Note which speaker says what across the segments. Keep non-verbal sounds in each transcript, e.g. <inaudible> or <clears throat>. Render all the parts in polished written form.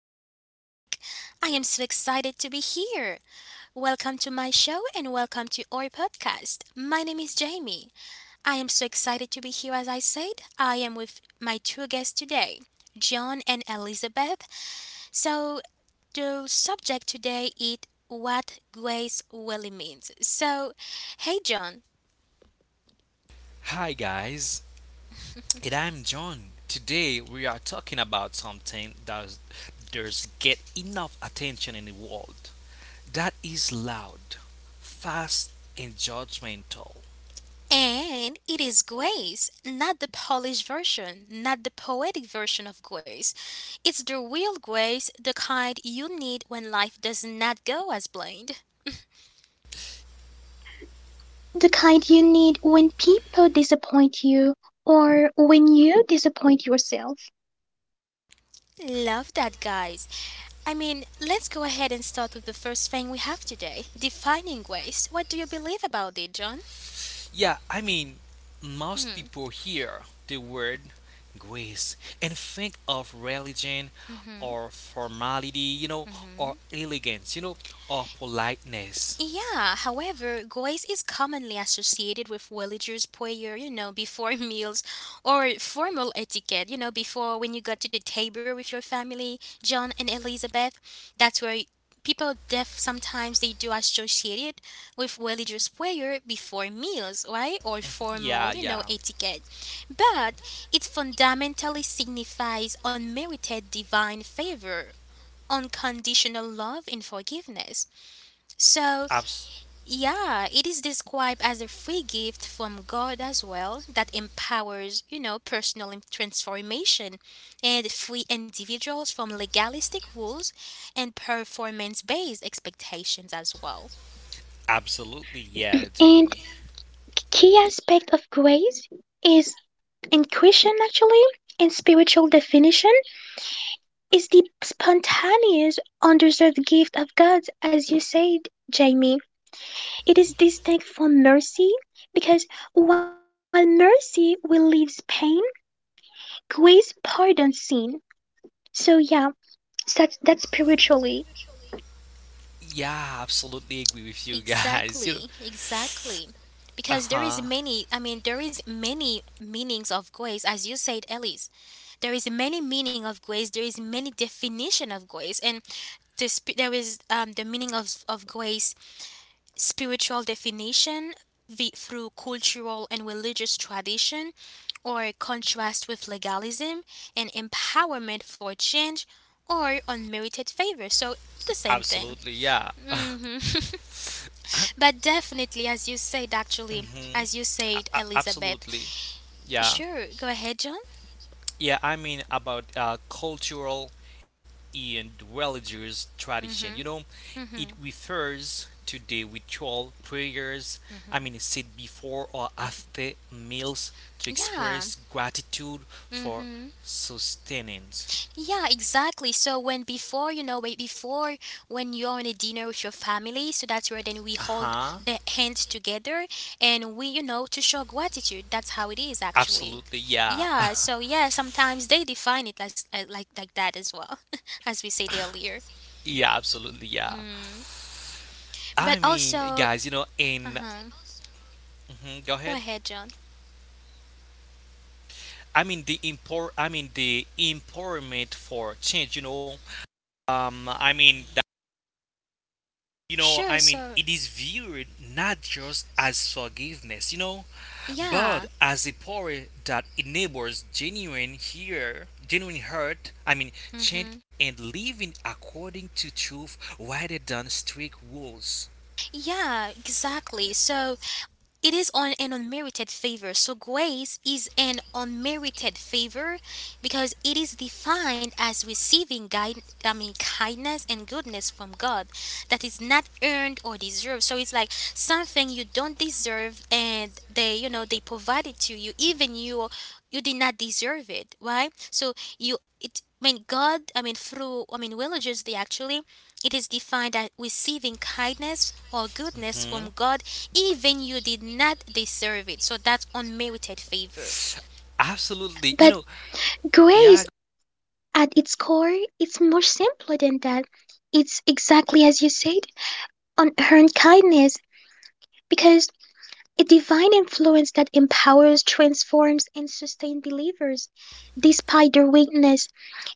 Speaker 1: welcome back. I am so excited to be here. Welcome to my show and welcome to our podcast. My name is Jamie. I am so excited to be here, as I said. I am with my two guests today, John and Elizabeth. So, the subject today is what grace really means. So, hey, John.
Speaker 2: Hi guys, and I'm John. Today we are talking about something that does get enough attention in the world. That is loud, fast, and judgmental.
Speaker 1: And it is grace, not the polished version, not the poetic version of grace. It's the real grace, the kind you need when life does not go as planned.
Speaker 3: The kind you need when people disappoint you or when you disappoint yourself.
Speaker 1: <laughs> Love that, guys. Let's go ahead and start with the first thing we have today defining grace. What do you believe about it, John?
Speaker 2: Yeah, most people hear the word grace and think of religion or formality, or elegance, or politeness.
Speaker 1: Yeah, however, guays is commonly associated with villagers' prayer, before <laughs> meals or formal etiquette, before when you got to the table with your family, John and Elizabeth. That's where people def sometimes they do associate it with villagers' prayer before meals, right? Or formal,
Speaker 2: Yeah, yeah.
Speaker 1: etiquette. But it fundamentally signifies unmerited divine favor, unconditional love and forgiveness. So
Speaker 2: Abs-
Speaker 1: yeah, it is described as a free gift from God as well that empowers, personal transformation and free individuals from legalistic rules and performance based expectations as well.
Speaker 2: absolutely, yeah,
Speaker 3: And
Speaker 2: Jamie.
Speaker 3: key aspect of grace is in Christian actually in spiritual definition is the spontaneous undeserved gift of God as you said Jamie. It is distinct from mercy because while mercy relieves pain, grace pardons sin. So yeah, that's spiritually.
Speaker 2: Yeah, absolutely agree with you guys. <laughs> You know,
Speaker 1: Exactly, exactly.
Speaker 2: uh
Speaker 1: Because there
Speaker 2: huh.
Speaker 1: is many, there is many meanings of grace, as you said, Elise. There is many meaning of grace. There is many definition of grace, and this, there is the meaning of grace spiritual definition through cultural and religious tradition or contrast with legalism and empowerment for change or unmerited favor. So the same thing.
Speaker 2: Absolutely, yeah. <laughs>
Speaker 1: hmm <laughs>
Speaker 2: I'm-
Speaker 1: but definitely, as you said, actually,
Speaker 2: Mhm.
Speaker 1: as you
Speaker 2: A-
Speaker 1: said,
Speaker 2: a-
Speaker 1: Elizabeth.
Speaker 2: absolutely, yeah.
Speaker 1: Sure, go ahead, John.
Speaker 2: Yeah, I mean about cultural and religious
Speaker 1: Mm-hmm.
Speaker 2: tradition. You know,
Speaker 1: Mm-hmm.
Speaker 2: it refers to the ritual prayers. I mean, said before or after meals to
Speaker 1: Yeah.
Speaker 2: express gratitude
Speaker 1: Mm-hmm.
Speaker 2: for sustenance.
Speaker 1: Yeah, exactly. So when before wait, before when you're on a dinner with your family, so that's where then we
Speaker 2: Uh
Speaker 1: hold
Speaker 2: huh.
Speaker 1: the hands together and we, you know, to show gratitude. That's how it is actually.
Speaker 2: Absolutely, yeah.
Speaker 1: Yeah. So
Speaker 2: <laughs>
Speaker 1: yeah, sometimes they define it as like that as well, <laughs> as we said earlier.
Speaker 2: Yeah, absolutely, yeah.
Speaker 1: Mm. But
Speaker 2: I mean,
Speaker 1: also,
Speaker 2: guys, you know,
Speaker 1: uh
Speaker 2: in
Speaker 1: huh.
Speaker 2: Mhm, go
Speaker 1: Go
Speaker 2: ahead.
Speaker 1: ahead, John.
Speaker 2: I mean the import. I mean the empowerment for change. Um, I mean, that,
Speaker 1: Sure.
Speaker 2: I mean,
Speaker 1: So
Speaker 2: it is viewed not just as forgiveness,
Speaker 1: yeah.
Speaker 2: but as a power that enables genuine hurt.
Speaker 1: Mm-hmm.
Speaker 2: Change and living according to truth rather than strict rules.
Speaker 1: Yeah, exactly. So it is on an unmerited favor. So grace is an unmerited favor because it is defined as receiving guide, I mean kindness and goodness from God that is not earned or deserved. So it's like something you don't deserve and they you know they provide it to you even you you did not deserve it, right? So you it I mean God I mean through I mean religious they actually it is defined as receiving kindness or goodness from
Speaker 2: Hmm?
Speaker 1: God, even you did not deserve it. So that's unmerited favor.
Speaker 2: Absolutely.
Speaker 3: But
Speaker 2: You know,
Speaker 3: grace
Speaker 2: yeah,
Speaker 3: at its core, it's more simpler than that. It's exactly as you said, unearned kindness, because a divine influence that empowers, transforms, and sustains believers, despite their weakness.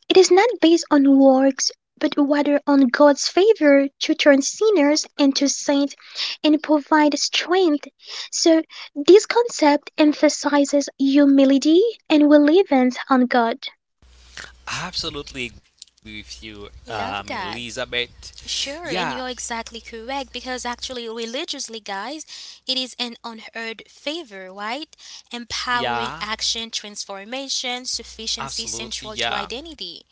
Speaker 3: It is not based on works, but rather on God's favor to turn sinners into saints and provide strength. So, this concept emphasizes humility and reliance on God.
Speaker 2: I absolutely agree with you.
Speaker 1: Love that.
Speaker 2: Elizabeth.
Speaker 1: Sure,
Speaker 2: Yeah,
Speaker 1: and you're exactly correct because actually, religiously, guys, it is an unheard favor, right? Empowering
Speaker 2: yeah,
Speaker 1: action, transformation, sufficiency central
Speaker 2: absolutely,
Speaker 1: to
Speaker 2: yeah.
Speaker 1: identity.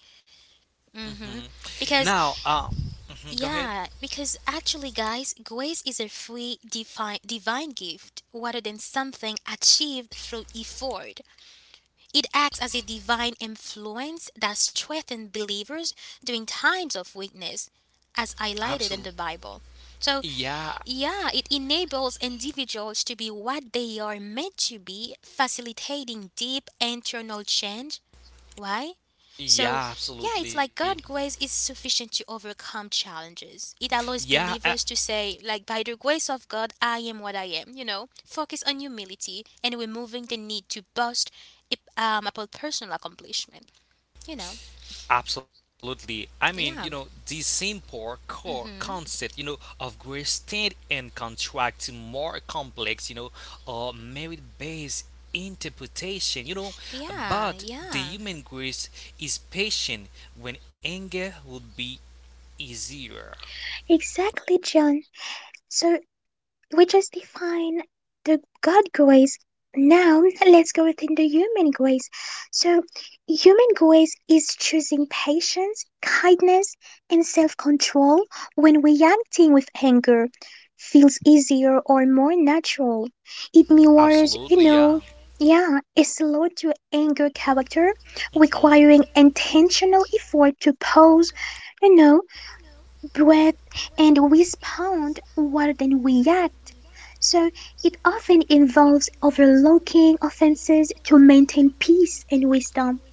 Speaker 1: hmm
Speaker 2: Hmm.
Speaker 1: Because
Speaker 2: Now, mhm, go ahead.
Speaker 1: yeah, because actually, guys, grace is a free divine, divine gift rather than something achieved through effort. It acts as a divine influence that strengthens believers during times of weakness, as highlighted in the
Speaker 2: Absolutely.
Speaker 1: Bible. So,
Speaker 2: Yeah,
Speaker 1: yeah, it enables individuals to be what they are meant to be, facilitating deep internal change why? So,
Speaker 2: yeah,
Speaker 1: yeah, it's like
Speaker 2: absolutely.
Speaker 1: God's grace is sufficient to overcome challenges. It allows
Speaker 2: Yeah,
Speaker 1: believers to say, like, by the grace of God, I am what I am, you know? Focus on humility and removing the need to boast about personal accomplishment, you know?
Speaker 2: absolutely.
Speaker 1: Yeah.
Speaker 2: The simple core
Speaker 1: hmm
Speaker 2: concept, of grade state and contract to more complex, or merit based interpretation,
Speaker 1: Yeah,
Speaker 2: but the
Speaker 1: yeah.
Speaker 2: human grace is patient when anger would be easier.
Speaker 3: Exactly, John. So we just define the God grace. Now let's go within the human grace. So, human grace is choosing patience, kindness, and self control when reacting with anger feels easier or more natural. It mirrors,
Speaker 2: Absolutely, yeah.
Speaker 3: yeah, a slow to anger character
Speaker 2: Hmm.
Speaker 3: requiring intentional effort to pause, you know, breathe, and respond rather than react, so it often involves overlooking offenses to maintain peace and wisdom.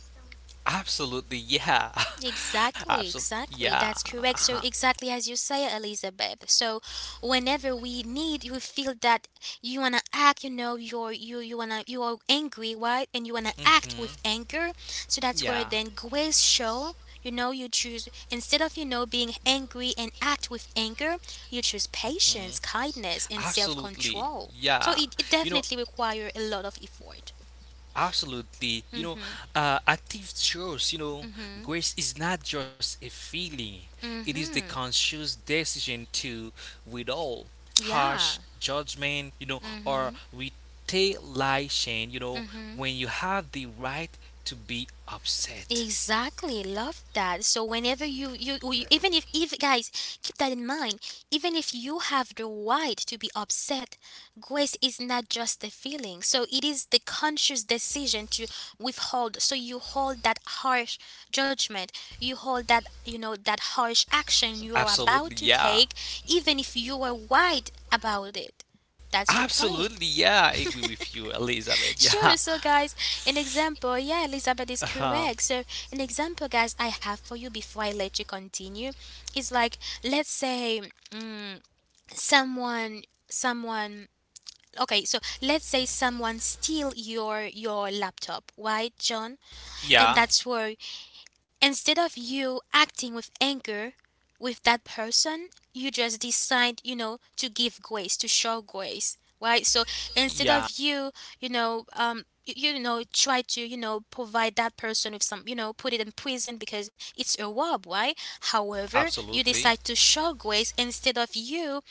Speaker 2: Absolutely, yeah. <laughs>
Speaker 1: Exactly,
Speaker 2: Absolutely,
Speaker 1: exactly.
Speaker 2: yeah.
Speaker 1: That's correct. So
Speaker 2: Uh-huh.
Speaker 1: exactly as you say, Elizabeth. So whenever we need you feel that you wanna act, you know, you wanna you are angry, right? And you wanna act with
Speaker 2: Mhm.
Speaker 1: anger. So that's where then
Speaker 2: Yeah.
Speaker 1: grace show, you know, you choose instead of you know being angry and act with anger, you choose
Speaker 2: Mhm.
Speaker 1: patience, kindness and self
Speaker 2: Absolutely.
Speaker 1: control.
Speaker 2: Yeah.
Speaker 1: So it
Speaker 2: You know,
Speaker 1: definitely require a lot of effort.
Speaker 2: absolutely. You know,
Speaker 1: hmm
Speaker 2: active choice,
Speaker 1: hmm
Speaker 2: grace is not just a feeling, it is the
Speaker 1: hmm
Speaker 2: conscious decision to withdraw,
Speaker 1: Yeah.
Speaker 2: harsh judgment,
Speaker 1: hmm
Speaker 2: or retaliation,
Speaker 1: hmm
Speaker 2: when you have the right to be upset.
Speaker 1: Exactly, love that. So you even if guys keep that in mind, even if you have the right to be upset, grace is not just a feeling. So it is the conscious decision to withhold. So you hold that harsh judgment, you hold that you know that harsh action you are
Speaker 2: Absolutely,
Speaker 1: about to
Speaker 2: yeah.
Speaker 1: take, even if you are right about it. That's the
Speaker 2: Absolutely,
Speaker 1: point.
Speaker 2: yeah. I agree with you, Elizabeth. Yeah. <laughs>
Speaker 1: Sure. So, guys, an example. Yeah, Elizabeth is
Speaker 2: Uh-huh.
Speaker 1: correct. So, an example, guys, I have for you before I let you continue is like, let's say, mm, someone, someone. Okay, so let's say someone steal your laptop, right, John? And
Speaker 2: Yeah.
Speaker 1: that's where instead of you acting with anger with that person, you just decide, you know, to give grace, to show grace, right? So instead
Speaker 2: Yeah.
Speaker 1: of you, you know, try to, you know, provide that person with some, you know, put it in prison because it's a rob, right? However, you
Speaker 2: Absolutely.
Speaker 1: decide to show grace instead of you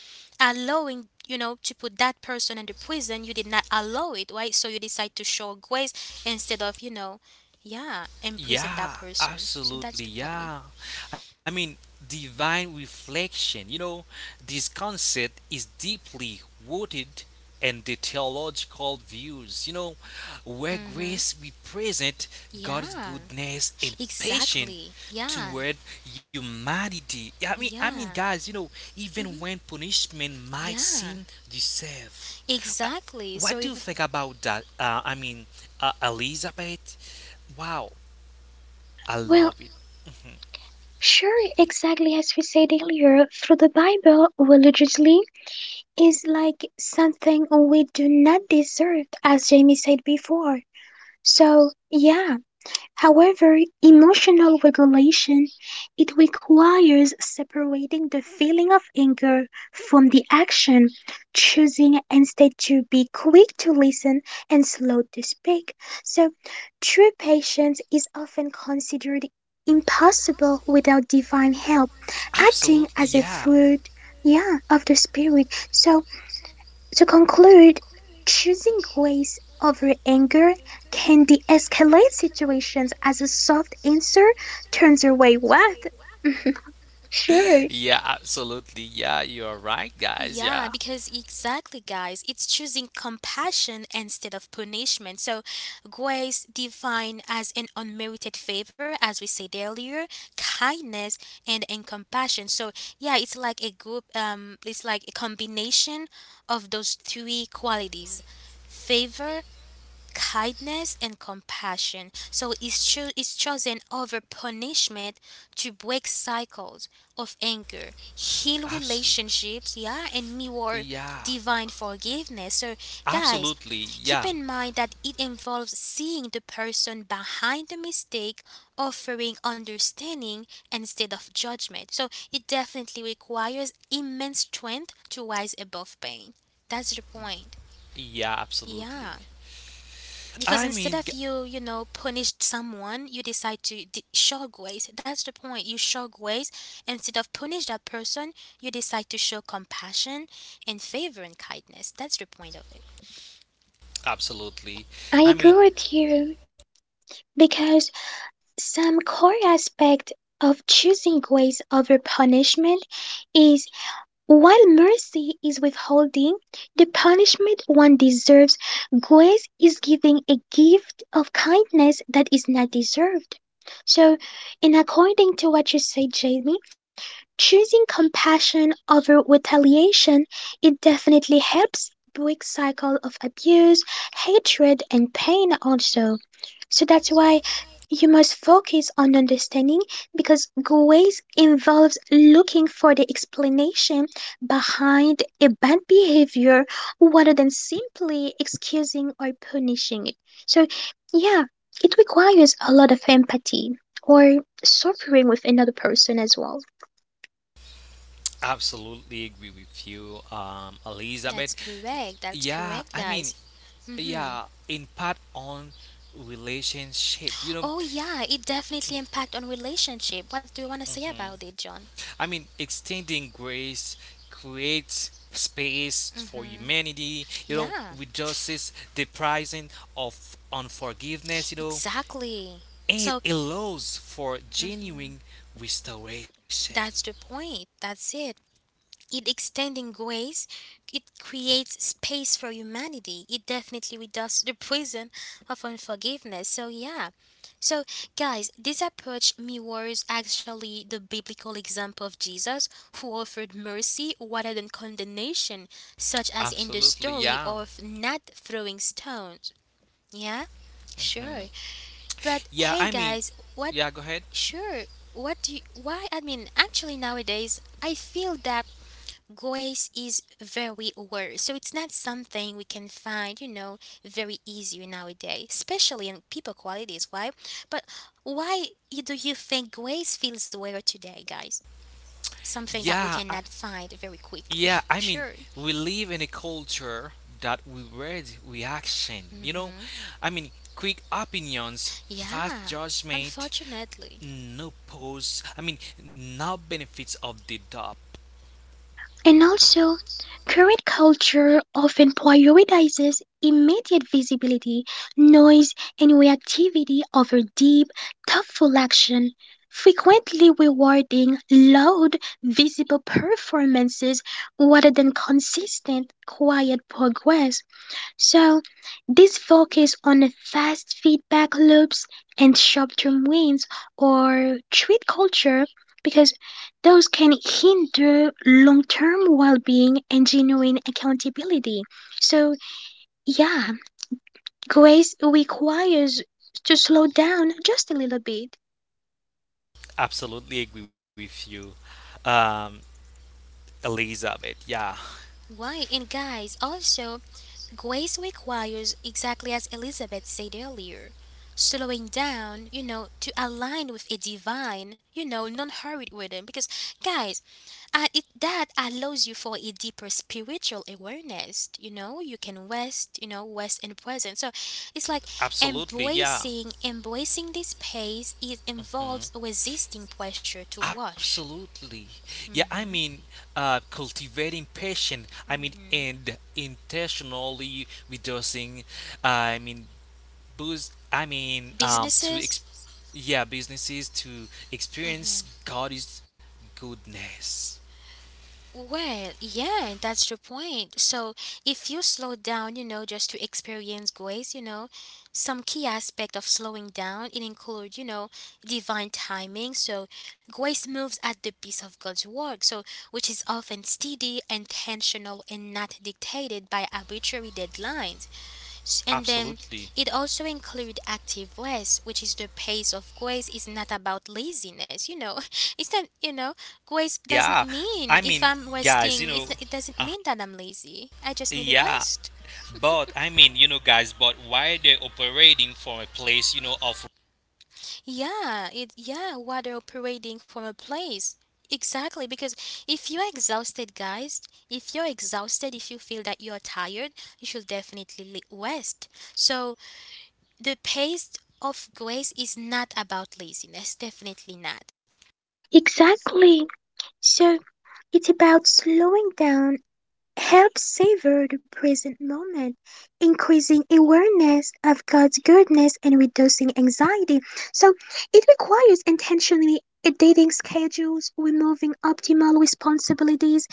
Speaker 1: allowing, you know, to put that person in the prison. You did not allow it, right? So you decide to show grace instead of, yeah, and present that
Speaker 2: Yeah,
Speaker 1: person. So that's
Speaker 2: absolutely.
Speaker 1: the point.
Speaker 2: Yeah. I mean, divine reflection, this concept is deeply rooted in the theological views, where
Speaker 1: Mm-hmm.
Speaker 2: grace represents God's
Speaker 1: Yeah,
Speaker 2: goodness and patience
Speaker 1: exactly. Yeah,
Speaker 2: toward humanity. Yeah,
Speaker 1: yeah,
Speaker 2: guys, even
Speaker 1: mm-hmm.
Speaker 2: when punishment might
Speaker 1: Yeah,
Speaker 2: seem deserved. Uh,
Speaker 1: exactly.
Speaker 2: What
Speaker 1: So
Speaker 2: do you
Speaker 1: even
Speaker 2: think about that? Elizabeth? Wow. I
Speaker 3: Well,
Speaker 2: love it.
Speaker 3: sure, exactly as we said earlier, through the Bible, religiously is like something we do not deserve, as Jamie said before. So, yeah. However, emotional regulation it requires separating the feeling of anger from the action, choosing instead to be quick to listen and slow to speak. So, true patience is often considered impossible without divine help, acting
Speaker 2: Absolutely,
Speaker 3: as a
Speaker 2: yeah.
Speaker 3: fruit,
Speaker 2: <laughs>
Speaker 3: yeah, of the spirit. So to conclude, choosing grace over anger can de-escalate situations as a soft answer turns away wrath. <laughs> Sure,
Speaker 2: Yeah, absolutely, yeah. You are right, guys.
Speaker 1: yeah,
Speaker 2: Yeah.
Speaker 1: because exactly, guys, it's choosing compassion instead of punishment. So, grace defined as an unmerited favor, as we said earlier, kindness and compassion. So, yeah, it's like a it's like a combination of those three qualities favor, kindness and compassion. So it's chosen over punishment to break cycles of anger, heal
Speaker 2: Absolutely.
Speaker 1: relationships, yeah, and mirror
Speaker 2: Yeah.
Speaker 1: divine forgiveness. So, guys,
Speaker 2: Absolutely,
Speaker 1: keep
Speaker 2: yeah.
Speaker 1: in mind that it involves seeing the person behind the mistake, offering understanding instead of judgment. So, it definitely requires immense strength to rise above pain. That's the point.
Speaker 2: Yeah,
Speaker 1: Yeah,
Speaker 2: absolutely.
Speaker 1: because
Speaker 2: I
Speaker 1: instead of
Speaker 2: mean,
Speaker 1: you you know punish someone you decide to shock ways. That's the point, you shock ways instead of punish that person, you decide to show compassion and favor and kindness. That's the point of it.
Speaker 2: Absolutely.
Speaker 3: I agree
Speaker 2: I mean,
Speaker 3: with you because some core aspect of choosing grace over punishment is while mercy is withholding the punishment one deserves, grace is giving a gift of kindness that is not deserved. So, in according to what you said, Jamie, choosing compassion over retaliation, it definitely helps break cycle of abuse, hatred, and pain also. So that's why you must focus on understanding because grace involves looking for the explanation behind a bad behavior rather than simply excusing or punishing it. So, yeah, it requires a lot of empathy or suffering with another person as well.
Speaker 2: absolutely agree with you, Elizabeth.
Speaker 1: That's correct, that's
Speaker 2: Yeah,
Speaker 1: correct,
Speaker 2: I
Speaker 1: guys.
Speaker 2: mean,
Speaker 1: Mm-hmm.
Speaker 2: yeah, impact on relationship. You
Speaker 1: Oh
Speaker 2: know,
Speaker 1: yeah, it definitely impact on relationship. What do you want to say about it, John?
Speaker 2: I mean, extending grace creates space for humanity,
Speaker 1: Yeah,
Speaker 2: reduces the pricing of unforgiveness,
Speaker 1: exactly.
Speaker 2: and
Speaker 1: So
Speaker 2: it allows for genuine restoration.
Speaker 1: that's the point, that's it. It extending grace, it creates space for humanity, it definitely reduces the prison of unforgiveness. So yeah, so guys, this approach mirrors actually the biblical example of Jesus, who offered mercy rather than condemnation, such as in the
Speaker 2: Absolutely,
Speaker 1: story
Speaker 2: yeah.
Speaker 1: of not throwing stones. Yeah. Sure. But
Speaker 2: Yeah,
Speaker 1: hey
Speaker 2: I mean,
Speaker 1: guys, what
Speaker 2: yeah, go ahead.
Speaker 1: sure what do you why actually, nowadays I feel that grace is very rare, so it's not something we can find, you know, very easy nowadays, especially in people qualities, why? But do you think grace feels rare today, guys? Something that we
Speaker 2: Yeah, I,
Speaker 1: cannot find very quickly.
Speaker 2: yeah. I
Speaker 1: <laughs>
Speaker 2: mean,
Speaker 1: Sure.
Speaker 2: we live in a culture that we read reaction.
Speaker 1: hmm
Speaker 2: I mean, quick opinions, fast
Speaker 1: Yeah,
Speaker 2: judgment,
Speaker 1: unfortunately.
Speaker 2: no pause. I mean, no benefits of the doubt.
Speaker 3: And also, current culture often prioritizes immediate visibility, noise, and reactivity over deep, thoughtful action, frequently rewarding loud, visible performances rather than consistent, quiet progress. So, this focus on fast feedback loops and short-term wins or treat culture because those can hinder long-term well-being and genuine accountability. So, yeah, grace requires to slow down just a little bit.
Speaker 2: Absolutely agree with you, um, Elizabeth. Yeah.
Speaker 1: Why? And guys, also, grace requires, exactly as Elizabeth said earlier, slowing down, you know, to align with a divine, you know, non hurried rhythm. Because, guys, that allows you for a deeper spiritual awareness. You know, you can rest, you know, rest in present. So it's like
Speaker 2: Absolutely, yeah.
Speaker 1: embracing this pace. It involves
Speaker 2: Mhm.
Speaker 1: resisting pressure to wash.
Speaker 2: Absolutely. Yeah, cultivating patience,
Speaker 1: hmm
Speaker 2: and intentionally reducing, I mean, boost, I mean, to,
Speaker 1: Businesses
Speaker 2: ex- yeah, businesses to experience God's goodness.
Speaker 1: well, yeah, that's the point. So if you slow down, you know, just to experience grace, you know, some key aspect of slowing down, it includes, you know, divine timing. So grace moves at the pace of God's work, so which is often steady, intentional, and not dictated by arbitrary deadlines. And then
Speaker 2: Absolutely.
Speaker 1: it also include active ways, which is the pace of grace is not about laziness. You know, <laughs> it's not. You know, grace doesn't
Speaker 2: Yeah,
Speaker 1: mean
Speaker 2: I
Speaker 1: if
Speaker 2: mean,
Speaker 1: I'm
Speaker 2: guys, you
Speaker 1: resting,
Speaker 2: know,
Speaker 1: it's not, it doesn't
Speaker 2: uh,
Speaker 1: mean that I'm lazy. I just need a
Speaker 2: yeah,
Speaker 1: rest.
Speaker 2: But I mean, you know, guys, but why they're operating from a place, of
Speaker 1: Yeah, it. Yeah, water operating from a place. Exactly, because if you're exhausted, guys, if you're exhausted, if you feel that you're tired, you should definitely rest. So the pace of grace is not about laziness, definitely not.
Speaker 3: Exactly. So, it's about slowing down, helps savor the present moment, increasing awareness of God's goodness and reducing anxiety. So it requires intentionally updating schedules, removing optimal responsibilities,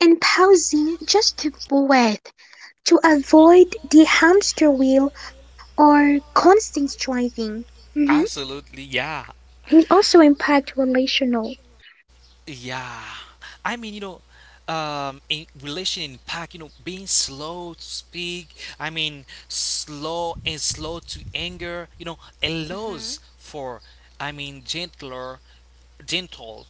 Speaker 3: and pausing just to breathe to avoid the hamster wheel or constant striving. Mhm.
Speaker 2: absolutely, yeah,
Speaker 3: And it also impacts relational.
Speaker 2: yeah. I mean, you know, in relation impact, being slow to speak. Slow to anger.
Speaker 1: hmm
Speaker 2: Allows for, I mean, gentler, gentle,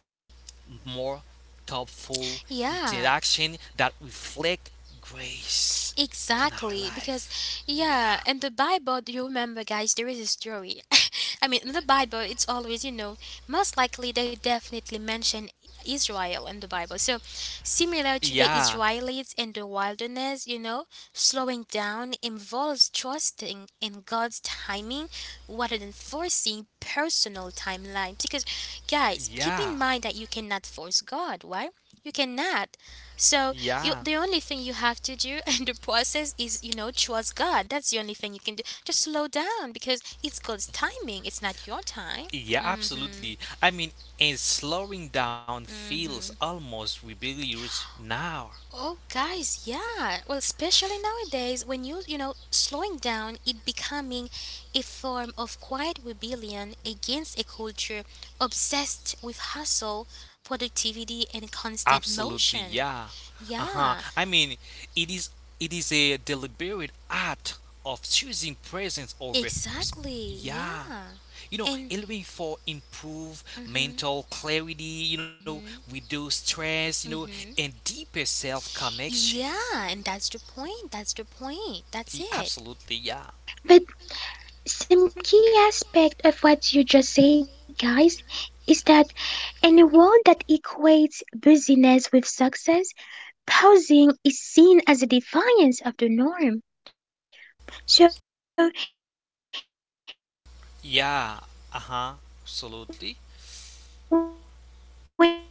Speaker 2: more thoughtful
Speaker 1: Yeah,
Speaker 2: interaction that reflect grace in our
Speaker 1: exactly, because
Speaker 2: life.
Speaker 1: yeah,
Speaker 2: Yeah.
Speaker 1: and the Bible, do you remember, guys? There is a story. <laughs> In the Bible, it's always you know most likely they definitely mention Israel in the Bible. So similar to the
Speaker 2: Yeah,
Speaker 1: Israelites in the wilderness, you know, slowing down involves trusting in God's timing rather than forcing personal timelines. Because, guys, keep
Speaker 2: yeah,
Speaker 1: in mind that you cannot force God, right? You cannot. So
Speaker 2: yeah,
Speaker 1: you the only thing you have to do <laughs> in the process is you know trust God. That's the only thing you can do. Just slow down because it's God's timing. It's not your time.
Speaker 2: yeah,
Speaker 1: Mhm.
Speaker 2: absolutely. And slowing down feels
Speaker 1: Mhm.
Speaker 2: almost rebellious now.
Speaker 1: Oh guys, yeah. Well, especially nowadays when you know slowing down it becoming a form of quiet rebellion against a culture obsessed with hustle, productivity and constant
Speaker 2: Absolutely,
Speaker 1: motion.
Speaker 2: yeah. Uh-huh.
Speaker 1: Yeah,
Speaker 2: It is it is a deliberate act of choosing presence over s-
Speaker 1: exactly.
Speaker 2: yeah.
Speaker 1: Yeah. And
Speaker 2: Allowing for improve
Speaker 1: mhm.
Speaker 2: mental clarity,
Speaker 1: Mhm.
Speaker 2: reduce stress, and
Speaker 1: Mhm.
Speaker 2: deeper self connection.
Speaker 1: Yeah, and that's the point. That's the point. That's it.
Speaker 2: Absolutely, yeah.
Speaker 3: But some key aspect of what you just said, guys, is that in a world that equates busyness with success, pausing is seen as a
Speaker 2: Yeah. Uh huh.
Speaker 3: defiance of the
Speaker 2: Absolutely.
Speaker 3: norm. So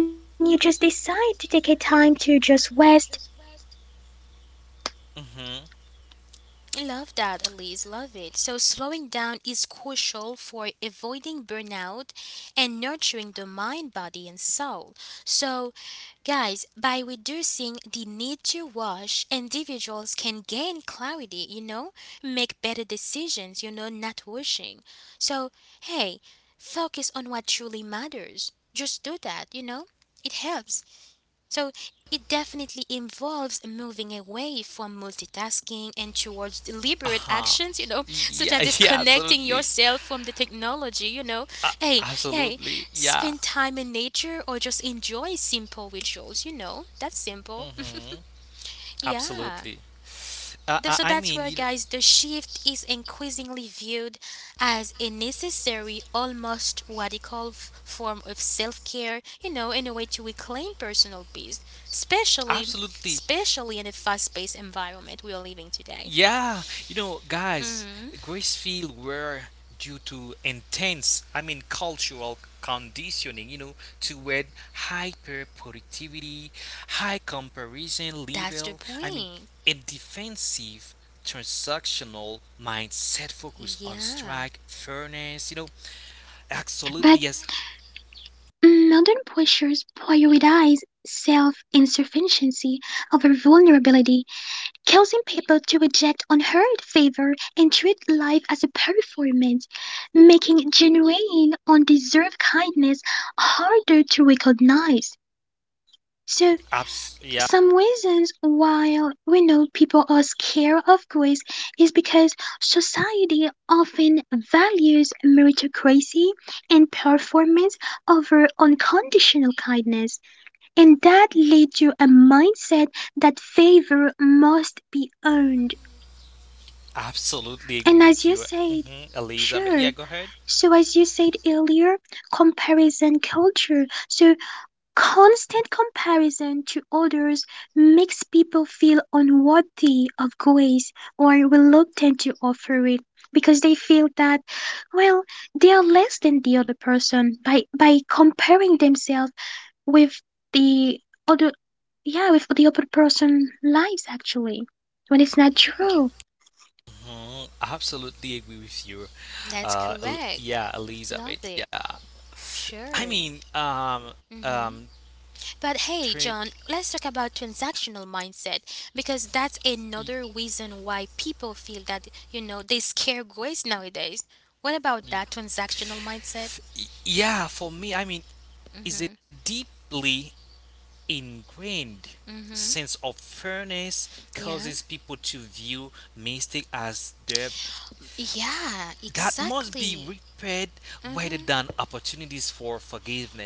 Speaker 3: when you just decide to take a time to just rest, you take a time to just think
Speaker 2: Mm-hmm.
Speaker 3: about things, that's where,
Speaker 1: Love that,
Speaker 3: yeah.
Speaker 1: Elise. Love it. So slowing down is crucial for avoiding burnout and nurturing the mind, body, and soul. So, guys, by reducing the need to rush, individuals can gain clarity, make better decisions, not rushing. So, hey, focus on what truly matters. Just do that. It helps. So it definitely involves moving away from multitasking and towards
Speaker 2: Uh
Speaker 1: deliberate
Speaker 2: huh.
Speaker 1: actions, such
Speaker 2: Yeah.
Speaker 1: as
Speaker 2: <laughs> Yeah.
Speaker 1: disconnecting
Speaker 2: Absolutely.
Speaker 1: yourself from the technology.
Speaker 2: Uh,
Speaker 1: Hey, hey,
Speaker 2: absolutely. Yeah.
Speaker 1: spend time in nature or just enjoy simple rituals. That's simple.
Speaker 2: Mm-hmm.
Speaker 1: <laughs>
Speaker 2: Absolutely.
Speaker 1: Yeah.
Speaker 2: Uh, I I
Speaker 1: So
Speaker 2: mean,
Speaker 1: that's
Speaker 2: you know,
Speaker 1: where, guys, the shift is increasingly viewed as a necessary, almost radical form of self-care, in a way to reclaim personal peace, especially
Speaker 2: absolutely.
Speaker 1: especially in the fast-paced environment we are living today.
Speaker 2: Yeah, you know, guys,
Speaker 1: Hmm.
Speaker 2: Gracefield were due to intense, cultural conditioning, toward hyper productivity, high comparison level,
Speaker 1: That's the
Speaker 2: I mean,
Speaker 1: point.
Speaker 2: a defensive transactional mindset focus on
Speaker 1: Yeah,
Speaker 2: strike, fairness, absolutely,
Speaker 3: But
Speaker 2: yes,
Speaker 3: modern pressures prioritize self insufficiency over vulnerability causing people to reject unheard favor and treat life as a performance, making genuine, undeserved kindness harder to recognize. So,
Speaker 2: yeah,
Speaker 3: some reasons why we know people are scared of grace is because society often values meritocracy and performance over unconditional kindness, and that leads to a mindset that favor must be earned.
Speaker 2: absolutely agree
Speaker 3: And as
Speaker 2: with
Speaker 3: you
Speaker 2: you,
Speaker 3: said,
Speaker 2: hmm Elizabeth. Yeah,
Speaker 3: sure.
Speaker 2: go ahead.
Speaker 3: So as you said earlier, comparison culture. So constant comparison to others makes people feel unworthy of grace or reluctant to offer it because they feel that, well, they are less than the other person by comparing themselves with the other, yeah, with the other person lives actually, when it's not true.
Speaker 2: Mhm, I absolutely agree with you.
Speaker 1: that's correct.
Speaker 2: Yeah,
Speaker 1: Love
Speaker 2: Elizabeth. Yeah,
Speaker 1: it.
Speaker 2: I
Speaker 1: Sure.
Speaker 2: mean, um, um,
Speaker 1: Hmm. But
Speaker 2: tra-
Speaker 1: hey, John, let's talk about transactional mindset because that's
Speaker 2: y-
Speaker 1: another reason why people feel that, they scare grace nowadays. What about that transactional mindset?
Speaker 2: yeah. For me, is a deeply ingrained sense of fairness causes
Speaker 1: Yeah?
Speaker 2: people to view mistake as their
Speaker 1: Yeah,
Speaker 2: that must be
Speaker 1: exactly.
Speaker 2: repaired rather
Speaker 1: Mm.
Speaker 2: than opportunities for forgiveness.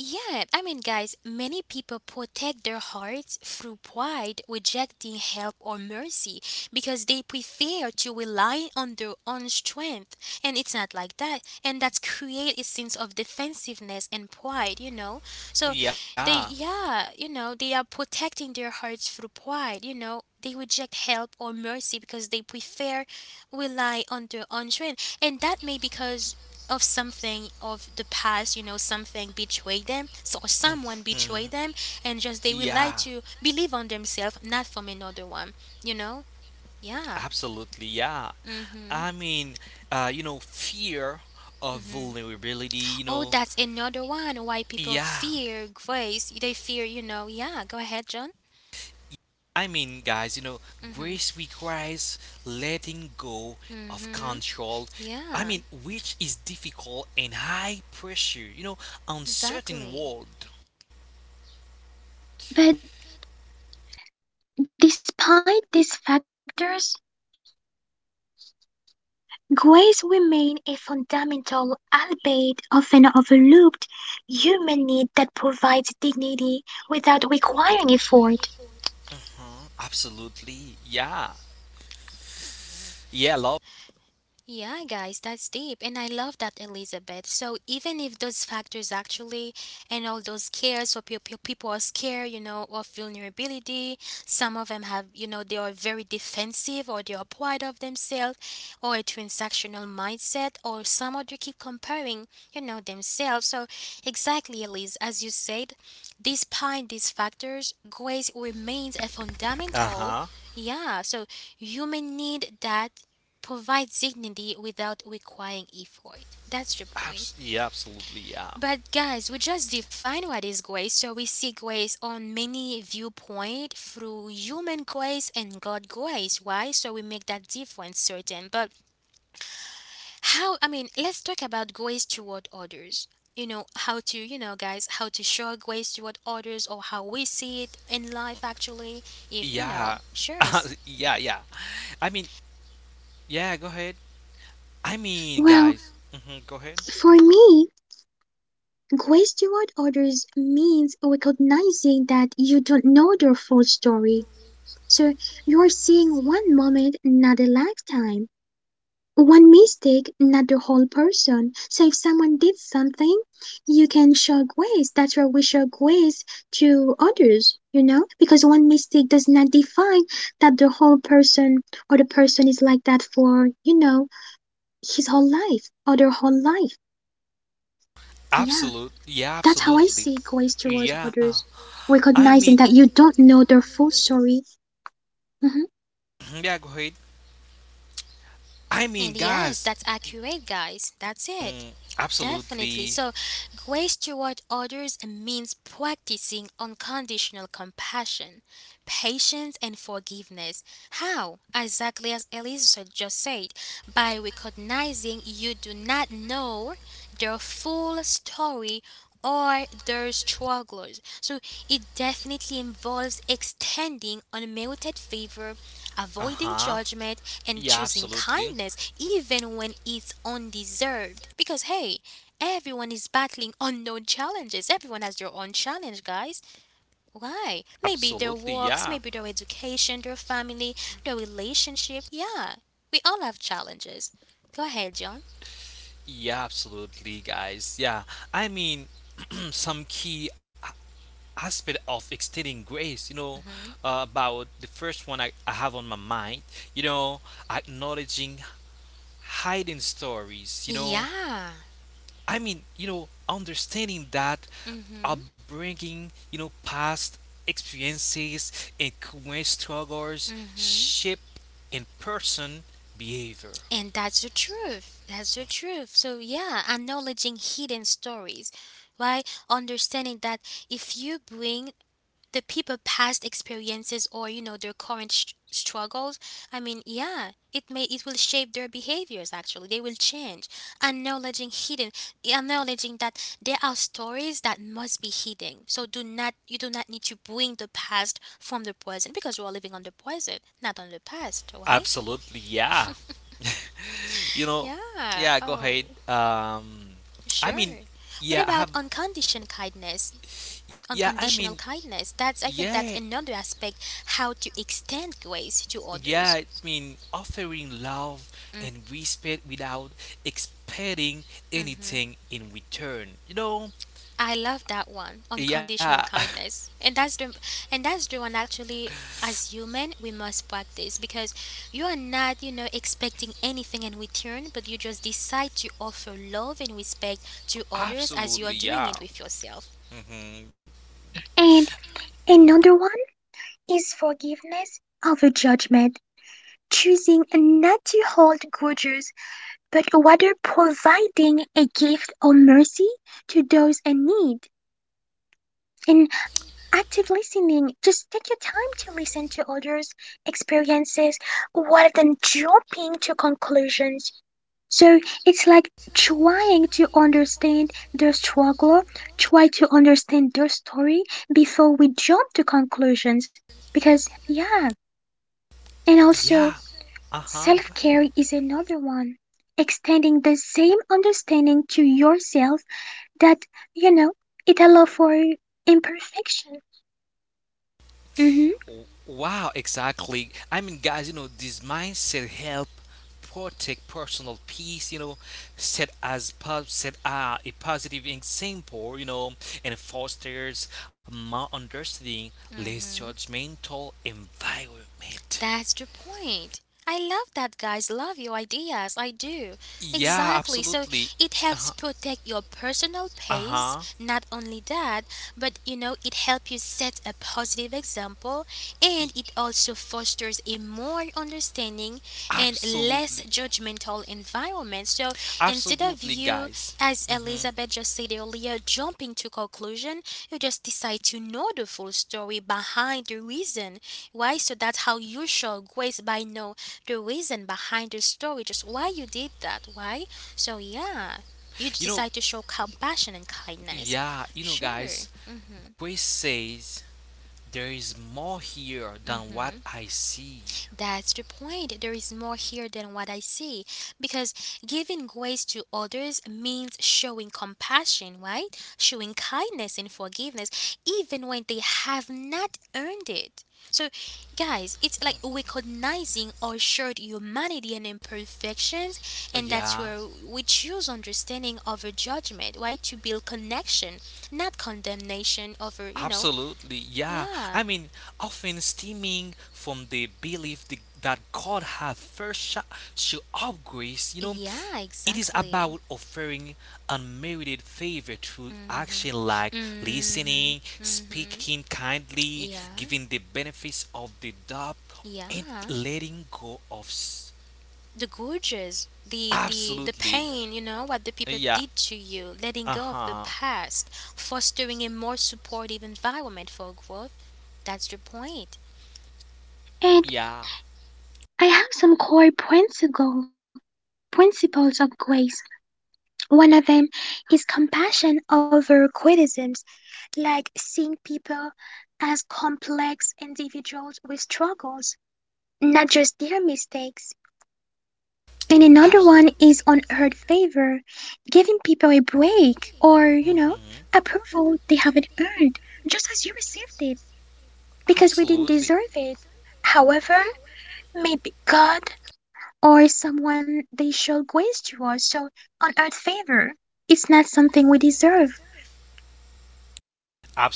Speaker 1: Yeah, I mean, guys, many people protect their hearts through pride, rejecting help or mercy because they prefer to rely on their own strength. And it's not like that. And that's create a sense of defensiveness and pride, you know? So
Speaker 2: Yeah.
Speaker 1: they, yeah, they are protecting their hearts through pride, you know? They reject help or mercy because they prefer rely on their own strength. And that may because of something of the past, something betray them, so or someone
Speaker 2: Mm-hmm.
Speaker 1: betray them, and just they will
Speaker 2: Yeah.
Speaker 1: like to believe on themselves, not from another one, you know? Yeah.
Speaker 2: Absolutely, yeah. I
Speaker 1: Mm-hmm.
Speaker 2: mean, fear of
Speaker 1: Mm-hmm.
Speaker 2: vulnerability, you
Speaker 1: Oh,
Speaker 2: know.
Speaker 1: that's another one why people
Speaker 2: Yeah.
Speaker 1: fear grace. They fear, yeah, go ahead, John.
Speaker 2: I mean, guys, you know,
Speaker 1: Mm-hmm.
Speaker 2: grace requires letting go of
Speaker 1: Mm-hmm.
Speaker 2: control.
Speaker 1: Yeah,
Speaker 2: Which is difficult in high pressure, uncertain
Speaker 1: exactly.
Speaker 2: world.
Speaker 3: But despite these factors, grace remains a fundamental, albeit often overlooked, human need that provides dignity without requiring effort.
Speaker 2: Uh-huh. Absolutely. Yeah. Yeah, love.
Speaker 1: Yeah, guys, that's deep. And I love that, Elizabeth. So, even if those factors actually and all those cares, so people are scared, of vulnerability. Some of them have, they are very defensive, or they are proud of themselves, or a transactional mindset, or some of you keep comparing, themselves. So, exactly, Elise, as you said, despite these factors, grace remains a
Speaker 2: Uh-huh.
Speaker 1: fundamental, yeah, so, human need that provide dignity without requiring effort. That's the point.
Speaker 2: Yeah, absolutely. Yeah.
Speaker 1: But guys, we just define what is grace, so we see grace on many viewpoint through human grace and God grace. Why? So we make that difference certain. But how? I mean, let's talk about grace toward others. You know how to, guys, how to show grace toward others, or how we see it in life actually. If you
Speaker 2: Yeah.
Speaker 1: know, sure.
Speaker 2: Yeah, yeah. I mean, yeah, go ahead. I mean,
Speaker 3: Well,
Speaker 2: guys. Hmm. Go ahead.
Speaker 3: for me, grace toward others means recognizing that you don't know their full story. So you're seeing one moment, not a lifetime. One mistake, not the whole person. So if someone did something, you can show grace. That's why we show grace to others, you know? Because one mistake does not define that the whole person or the person is like that for, you know, his whole life or their whole life. Yeah.
Speaker 2: Absolute. Yeah,
Speaker 3: That's how I
Speaker 2: absolutely.
Speaker 3: see grace towards
Speaker 2: Yeah.
Speaker 3: others.
Speaker 2: I mean,
Speaker 3: Recognizing that you don't know their full story. Mhm.
Speaker 2: Mhm, yeah, go ahead. I mean,
Speaker 1: And yes,
Speaker 2: guys.
Speaker 1: that's accurate, guys. That's it.
Speaker 2: Mm,
Speaker 1: Definitely.
Speaker 2: absolutely.
Speaker 1: So, grace toward others means practicing unconditional compassion, patience, and forgiveness. How? Exactly as Elisa just said, by recognizing you do not know their full story or their struggles. So, it definitely involves extending unmerited favor, avoiding
Speaker 2: Uh-huh.
Speaker 1: judgment, and
Speaker 2: Yeah,
Speaker 1: choosing
Speaker 2: absolutely.
Speaker 1: kindness even when it's undeserved. Because, hey, everyone is battling unknown challenges. Everyone has their own challenge, guys. Why? Maybe their
Speaker 2: Absolutely. Yeah.
Speaker 1: works, maybe their education, their family, their relationship. Yeah, we all have challenges. Go ahead, John.
Speaker 2: Yeah, absolutely, guys. Yeah, I mean, <clears throat> some key a- aspect of extending grace,
Speaker 1: Hmm.
Speaker 2: about the first one I have on my mind, you know, acknowledging hiding stories,
Speaker 1: Yeah.
Speaker 2: understanding that
Speaker 1: Hmm.
Speaker 2: upbringing, past experiences and current struggles
Speaker 1: Hmm.
Speaker 2: shape in person behavior.
Speaker 1: And that's the truth. That's the truth. So, yeah, acknowledging hidden stories, right? Understanding that if you bring the people past experiences, or you know their current struggles, I mean, yeah, it may, it will shape their behaviors actually. They will change. Acknowledging hidden, acknowledging that there are stories that must be hidden, so do not, you do not need to bring the past from the present, because we are living on the present, not on the past, right?
Speaker 2: Absolutely, yeah. You know,
Speaker 1: Yeah.
Speaker 2: yeah, go
Speaker 1: Oh,
Speaker 2: ahead. I mean,
Speaker 1: sure. What
Speaker 2: yeah, I
Speaker 1: about
Speaker 2: have,
Speaker 1: unconditioned kindness,
Speaker 2: yeah, I mean,
Speaker 1: unconditional kindness. That's, I think
Speaker 2: yeah,
Speaker 1: that's another aspect how to extend grace to
Speaker 2: yeah,
Speaker 1: others.
Speaker 2: it's mean, offering love and respect without expecting
Speaker 1: Mm,
Speaker 2: anything in return. You know,
Speaker 1: I love that one, unconditional
Speaker 2: yeah, <laughs>
Speaker 1: kindness. And that's the, and that's the one actually, as human, we must practice because you are not, expecting anything in return, but you just decide to offer love and respect to others as you are
Speaker 2: absolutely,
Speaker 1: doing it
Speaker 2: yeah,
Speaker 1: with yourself.
Speaker 2: hmm
Speaker 3: And another one is forgiveness over judgment. Choosing not to hold grudges, but rather providing a gift or mercy to those in need. And active listening, just take your time to listen to others' experiences rather than jumping to conclusions. So it's like trying to understand their struggle, try to understand their story before we jump to conclusions. Because, yeah, and also
Speaker 2: yeah, uh huh,
Speaker 3: self
Speaker 2: go
Speaker 3: care
Speaker 2: ahead.
Speaker 3: is another one, extending the same understanding to yourself that, you know, it allows for imperfection. Mhm.
Speaker 2: Wow, exactly. I mean, guys, you know, this mindset help protect personal peace. You know, set a positive example. You know, and fosters more understanding, less
Speaker 1: Mhm.
Speaker 2: judgmental environment.
Speaker 1: That's the point. I love that, guys. Love your ideas. I do.
Speaker 2: Yeah,
Speaker 1: Exactly. So
Speaker 2: absolutely.
Speaker 1: it
Speaker 2: Uh
Speaker 1: helps
Speaker 2: huh.
Speaker 1: protect your personal
Speaker 2: Uh
Speaker 1: pace.
Speaker 2: huh.
Speaker 1: Not only that, but it helps you set a positive example, and it also fosters a more understanding and less
Speaker 2: Absolutely,
Speaker 1: judgmental environment. So, instead of
Speaker 2: absolutely,
Speaker 1: you,
Speaker 2: guys.
Speaker 1: as
Speaker 2: Hmm.
Speaker 1: Elizabeth just said earlier, jumping to conclusion, you just decide to know the full story behind the reason why. So that, how you show, guys, by know the reason behind the story, just why you did that, why. So yeah, you
Speaker 2: You know,
Speaker 1: decide to show compassion and kindness.
Speaker 2: yeah, you know,
Speaker 1: Sure.
Speaker 2: guys. Grace says there is more here than what I see.
Speaker 1: That's the point. There is more here than what I see. Because giving grace to others means showing compassion, right? Showing kindness and forgiveness, even when they have not earned it. So, guys, it's like recognizing our shared humanity and imperfections, and that's
Speaker 2: Yeah,
Speaker 1: where we choose understanding over judgment, right? To build connection, not condemnation over.
Speaker 2: absolutely. Yeah,
Speaker 1: Yeah.
Speaker 2: I mean, often stemming from the belief that God has show of grace,
Speaker 1: Yeah,
Speaker 2: it is
Speaker 1: exactly.
Speaker 2: about offering unmerited favor through
Speaker 1: Mhm.
Speaker 2: action like
Speaker 1: Mhm.
Speaker 2: listening,
Speaker 1: Mhm.
Speaker 2: speaking kindly,
Speaker 1: Yeah.
Speaker 2: giving the benefits of the doubt, and
Speaker 1: Yeah.
Speaker 2: letting go.
Speaker 1: The gorges, the
Speaker 2: Absolutely.
Speaker 1: pain, what the people
Speaker 2: Yeah.
Speaker 1: did to you, letting
Speaker 2: Uh
Speaker 1: go of the
Speaker 2: huh.
Speaker 1: past, fostering a more supportive environment for growth. That's the point.
Speaker 3: And
Speaker 2: Yeah.
Speaker 3: I have some core principles of grace. One of them is compassion over criticisms, like seeing people as complex individuals with struggles, not just their mistakes. And another
Speaker 2: Abs-
Speaker 3: one is unearned favor, giving people a break or, you know,
Speaker 2: mhm.
Speaker 3: approval they haven't earned, just as you received it, because we didn't
Speaker 2: Absolutely.
Speaker 3: deserve it. However, maybe God or someone they show grace to us, so unearned favor. It's not something we deserve.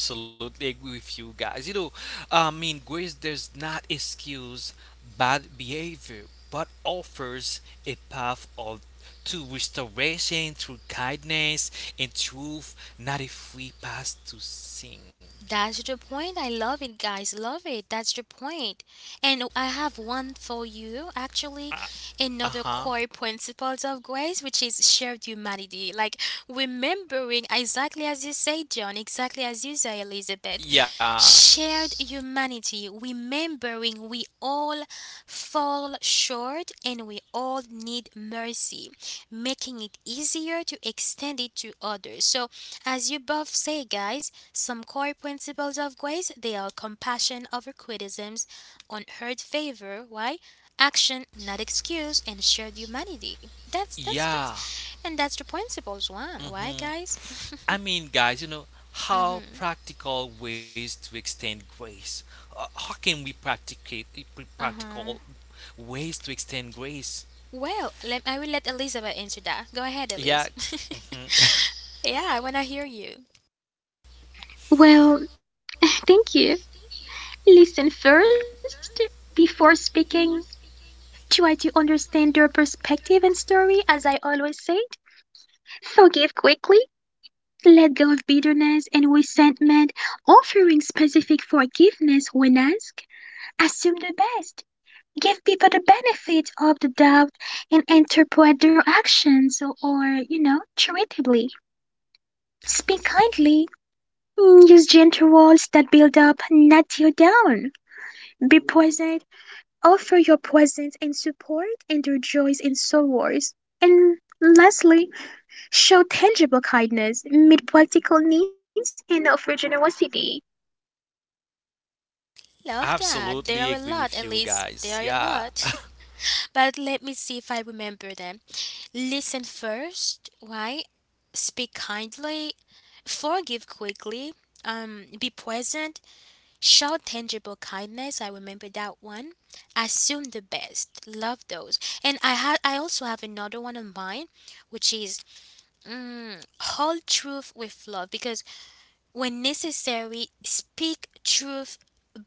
Speaker 2: Absolutely agree with you guys. You know, I mean, grace does not excuse bad behavior, but offers a path of to restoration through kindness and truth, not a free pass to sin.
Speaker 1: That's the point. I love it, guys. Love it. That's the point. And I have one for you, actually,
Speaker 2: Uh
Speaker 1: another
Speaker 2: huh.
Speaker 1: core principles of grace, which is shared humanity. Like remembering exactly as you say, John, exactly as you say, Elizabeth.
Speaker 2: Yeah.
Speaker 1: Shared humanity, remembering we all fall short and we all need mercy, making it easier to extend it to others. So, as you both say, guys, some core principles of grace, they are compassion over criticisms, unheard favor, why? Action, not excuse, and shared humanity.
Speaker 2: Yeah.
Speaker 1: And that's the principles one. Why,
Speaker 2: Hmm.
Speaker 1: guys? <laughs>
Speaker 2: I mean, guys, you know, how
Speaker 1: Mm-hmm.
Speaker 2: practical ways to extend grace? How can we practicate
Speaker 1: Uh
Speaker 2: practical
Speaker 1: huh.
Speaker 2: ways to extend grace?
Speaker 1: Well, let, I will let Elizabeth answer that. Go ahead, Elise.
Speaker 2: Yeah, mhm,
Speaker 1: <laughs> Yeah, I wanna hear you.
Speaker 3: Well, <laughs> thank you. Listen first before speaking. Try to understand their perspective and story, as I always said. Forgive quickly. Let go of bitterness and resentment, offering specific forgiveness when asked. Assume the best. Give people the benefit of the doubt and interpret their actions or, you know, charitably. Speak kindly. Mm, use gentle words that build up, not tear down. Be present. Offer your presence and support in their joys and sorrows. And lastly, show tangible kindness, meet practical needs, and offer generosity.
Speaker 1: Love
Speaker 2: absolutely
Speaker 1: that.
Speaker 2: agree
Speaker 1: There are
Speaker 2: with
Speaker 1: a
Speaker 2: you
Speaker 1: lot,
Speaker 2: guys.
Speaker 1: Elise. There
Speaker 2: Yeah,
Speaker 1: are a lot. <laughs> But let me see if I remember them. Listen first, right? Speak kindly, forgive quickly, be present, show tangible kindness. I remember that one. Assume the best. Love those. And I had, I also have another one of mine, which is, mm, hold truth with love, because when necessary, speak truth,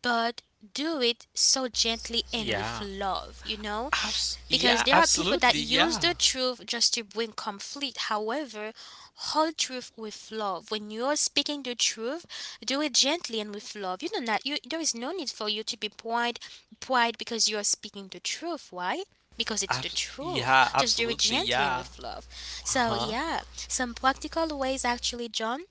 Speaker 1: but do it so gently and
Speaker 2: yeah,
Speaker 1: with love. You know,
Speaker 2: yeah,
Speaker 1: because there are people
Speaker 2: absolutely,
Speaker 1: that use
Speaker 2: yeah,
Speaker 1: the truth just to bring conflict. However, hold truth with love. When you're speaking the truth, do it gently and with love. You know, not you, there is no need for you to be pride because you are speaking the truth. Why? Because it's the truth.
Speaker 2: Yeah,
Speaker 1: Just do it
Speaker 2: absolutely,
Speaker 1: gently and
Speaker 2: yeah,
Speaker 1: with love. So
Speaker 2: huh?
Speaker 1: yeah, some practical ways actually, John,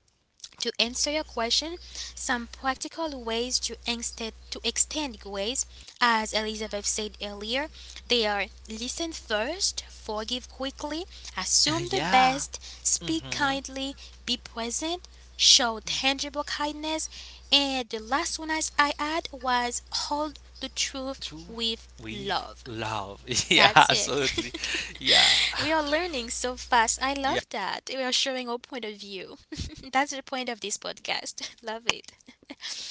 Speaker 1: to answer your question, some practical ways to extend grace, as Elizabeth said earlier, they are listen first, forgive quickly, assume
Speaker 2: <laughs>
Speaker 1: the
Speaker 2: yeah.
Speaker 1: best, speak
Speaker 2: Hmm.
Speaker 1: kindly, be present, show tangible kindness, and the last one as I add was hold the truth
Speaker 2: True
Speaker 1: with
Speaker 2: with
Speaker 1: love.
Speaker 2: love. <laughs> yeah,
Speaker 1: That's it.
Speaker 2: absolutely. Yeah.
Speaker 1: <laughs> We are learning so fast. I
Speaker 2: Yeah.
Speaker 1: love that. We are showing our point of view. <laughs> That's the point of this podcast. <laughs> Love it. <laughs>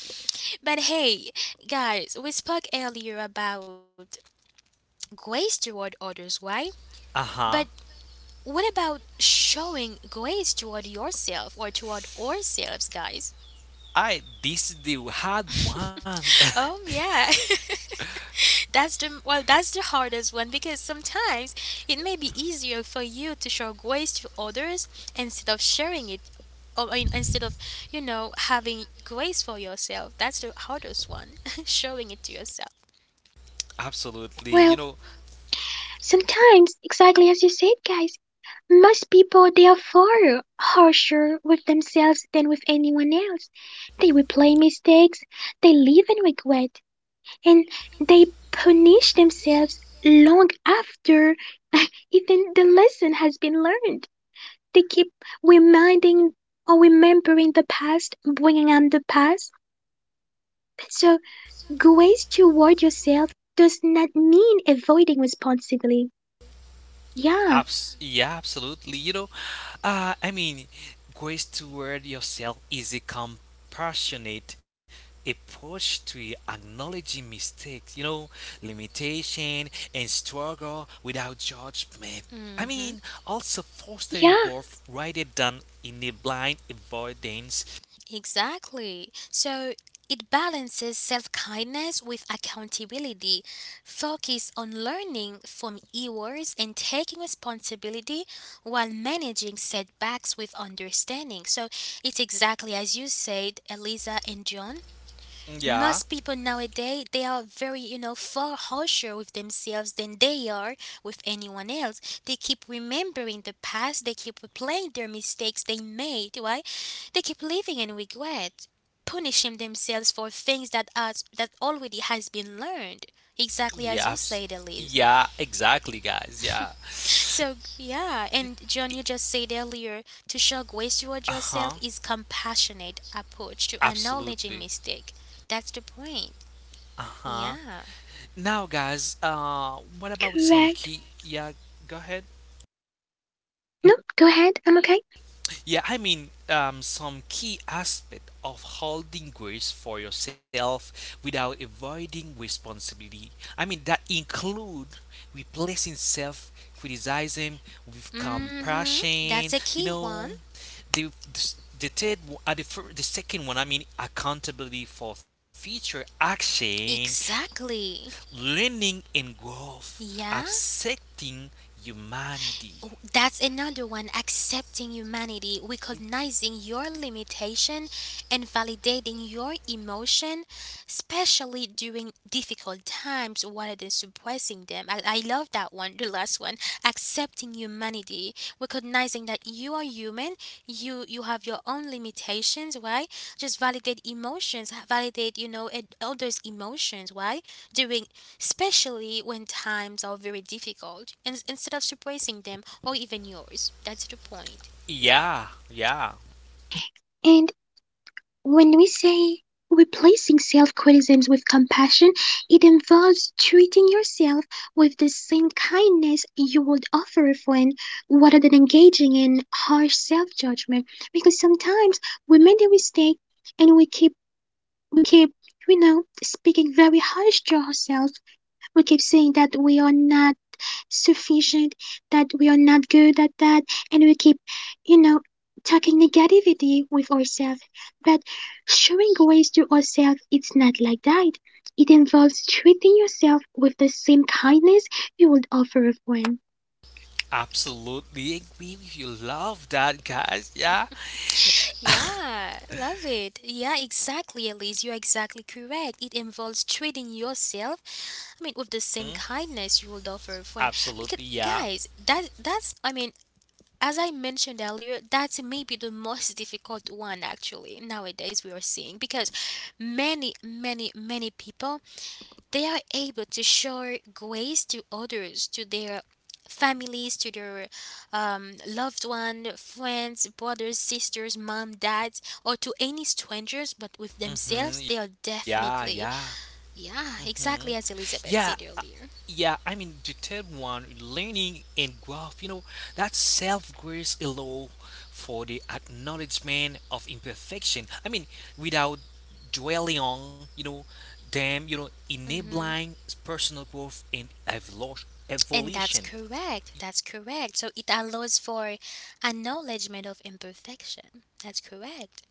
Speaker 1: But hey, guys, we spoke earlier about grace toward others, right?
Speaker 2: Uh
Speaker 1: But
Speaker 2: huh.
Speaker 1: what about showing grace toward yourself or toward ourselves, guys?
Speaker 2: I this is the hard one.
Speaker 1: <laughs> Oh, yeah. <laughs> That's the, well, that's the hardest one because sometimes it may be easier for you to show grace to others instead of sharing it, or I mean, instead of, having grace for yourself. That's the hardest one, <laughs> showing it to yourself.
Speaker 2: <laughs> absolutely. You
Speaker 3: Well,
Speaker 2: know,
Speaker 3: sometimes, exactly as you said, guys, most people they are far harsher with themselves than with anyone else. They replay mistakes, they live in regret, and they punish themselves long after <laughs> even the lesson has been learned. They keep reminding or remembering the past, bringing up the past. So, grace toward yourself does not mean avoiding responsibility. Yeah,
Speaker 2: Abs yeah, absolutely. You know, uh, I mean, grace toward yourself is a compassionate approach to acknowledging mistakes, limitation and struggle without judgment. I
Speaker 1: Hmm.
Speaker 2: mean, also fostering
Speaker 3: yeah.
Speaker 2: growth rather than in a blind avoidance.
Speaker 1: Exactly. So it balances self kindness with accountability, focus on learning from errors and taking responsibility while managing setbacks with understanding. So it's exactly as you said, Eliza and John,
Speaker 2: Yeah,
Speaker 1: most people nowadays they are very, far harsher with themselves than they are with anyone else. They keep remembering the past, they keep replaying their mistakes they made, right? They keep living in regret, punishing themselves for things that are, that already has been learned, exactly
Speaker 2: yeah,
Speaker 1: as you
Speaker 2: abs-
Speaker 1: said, Elise.
Speaker 2: yeah, exactly, guys. Yeah.
Speaker 1: So yeah, and John, you just said earlier, to show grace
Speaker 2: Uh
Speaker 1: toward
Speaker 2: huh.
Speaker 1: yourself is compassionate approach to acknowledging
Speaker 2: Absolutely.
Speaker 1: mistake. That's the point.
Speaker 2: Uh huh.
Speaker 1: Yeah.
Speaker 2: Now, guys, what about some
Speaker 3: Correct.
Speaker 2: key? Yeah, go ahead.
Speaker 3: No, go ahead. I'm okay.
Speaker 2: Some key aspect of holding grace for yourself without avoiding responsibility. That include replacing self criticism with
Speaker 1: Mm-hmm.
Speaker 2: compassion.
Speaker 1: That's a
Speaker 2: You
Speaker 1: key
Speaker 2: know,
Speaker 1: one.
Speaker 2: the third, one- the, fir- the second one. Accountability for future action
Speaker 1: Exactly.
Speaker 2: learning and growth,
Speaker 1: Yeah.
Speaker 2: accepting humanity.
Speaker 1: Oh, that's another one, accepting humanity, recognizing your limitation and validating your emotion, especially during difficult times rather than suppressing them. I love that one, the last one. Accepting humanity, recognizing that you are human, you have your own limitations, right? Just validate emotions, validate, and others' emotions, right? During, especially when times are very difficult, and instead of suppressing them or even yours. That's the point.
Speaker 2: Yeah,
Speaker 3: And when we say replacing self criticism with compassion, it involves treating yourself with the same kindness you would offer a friend rather than engaging in harsh self judgment. Because sometimes we make a mistake and we keep, you know, speaking very harsh to ourselves. We keep saying that we are not sufficient, that we are not good at that, and we keep, you know, talking negativity with ourselves, but showing grace to ourselves it's not like that. It involves treating yourself with the same kindness you would offer a friend,
Speaker 2: absolutely agree with you. Love that, guys. Yeah,
Speaker 1: <laughs> Yeah, love it. Yeah, exactly, Elise. You're exactly correct. It involves treating yourself, I mean, with the
Speaker 2: Mhm.
Speaker 1: same kindness you would offer a friend.
Speaker 2: absolutely.
Speaker 1: Because,
Speaker 2: Yeah,
Speaker 1: guys, that's I mean, as I mentioned earlier, that's maybe the most difficult one actually nowadays we are seeing because many people they are able to show grace to others, to their families, to their loved one, friends, brothers, sisters, mom, dads, or to any strangers, but with themselves, they are
Speaker 2: hmm yeah,
Speaker 1: definitely,
Speaker 2: yeah.
Speaker 1: yeah,
Speaker 2: Hmm.
Speaker 1: exactly as Elizabeth
Speaker 2: Yeah,
Speaker 1: said
Speaker 2: uh,
Speaker 1: earlier.
Speaker 2: yeah. The third one, learning and growth. You know, that self grace allow for the acknowledgement of imperfection. Without dwelling on, them,
Speaker 1: Hmm
Speaker 2: enabling personal growth and
Speaker 1: And that's
Speaker 2: evolution.
Speaker 1: correct. That's correct. So it allows for acknowledgement of imperfection. That's correct.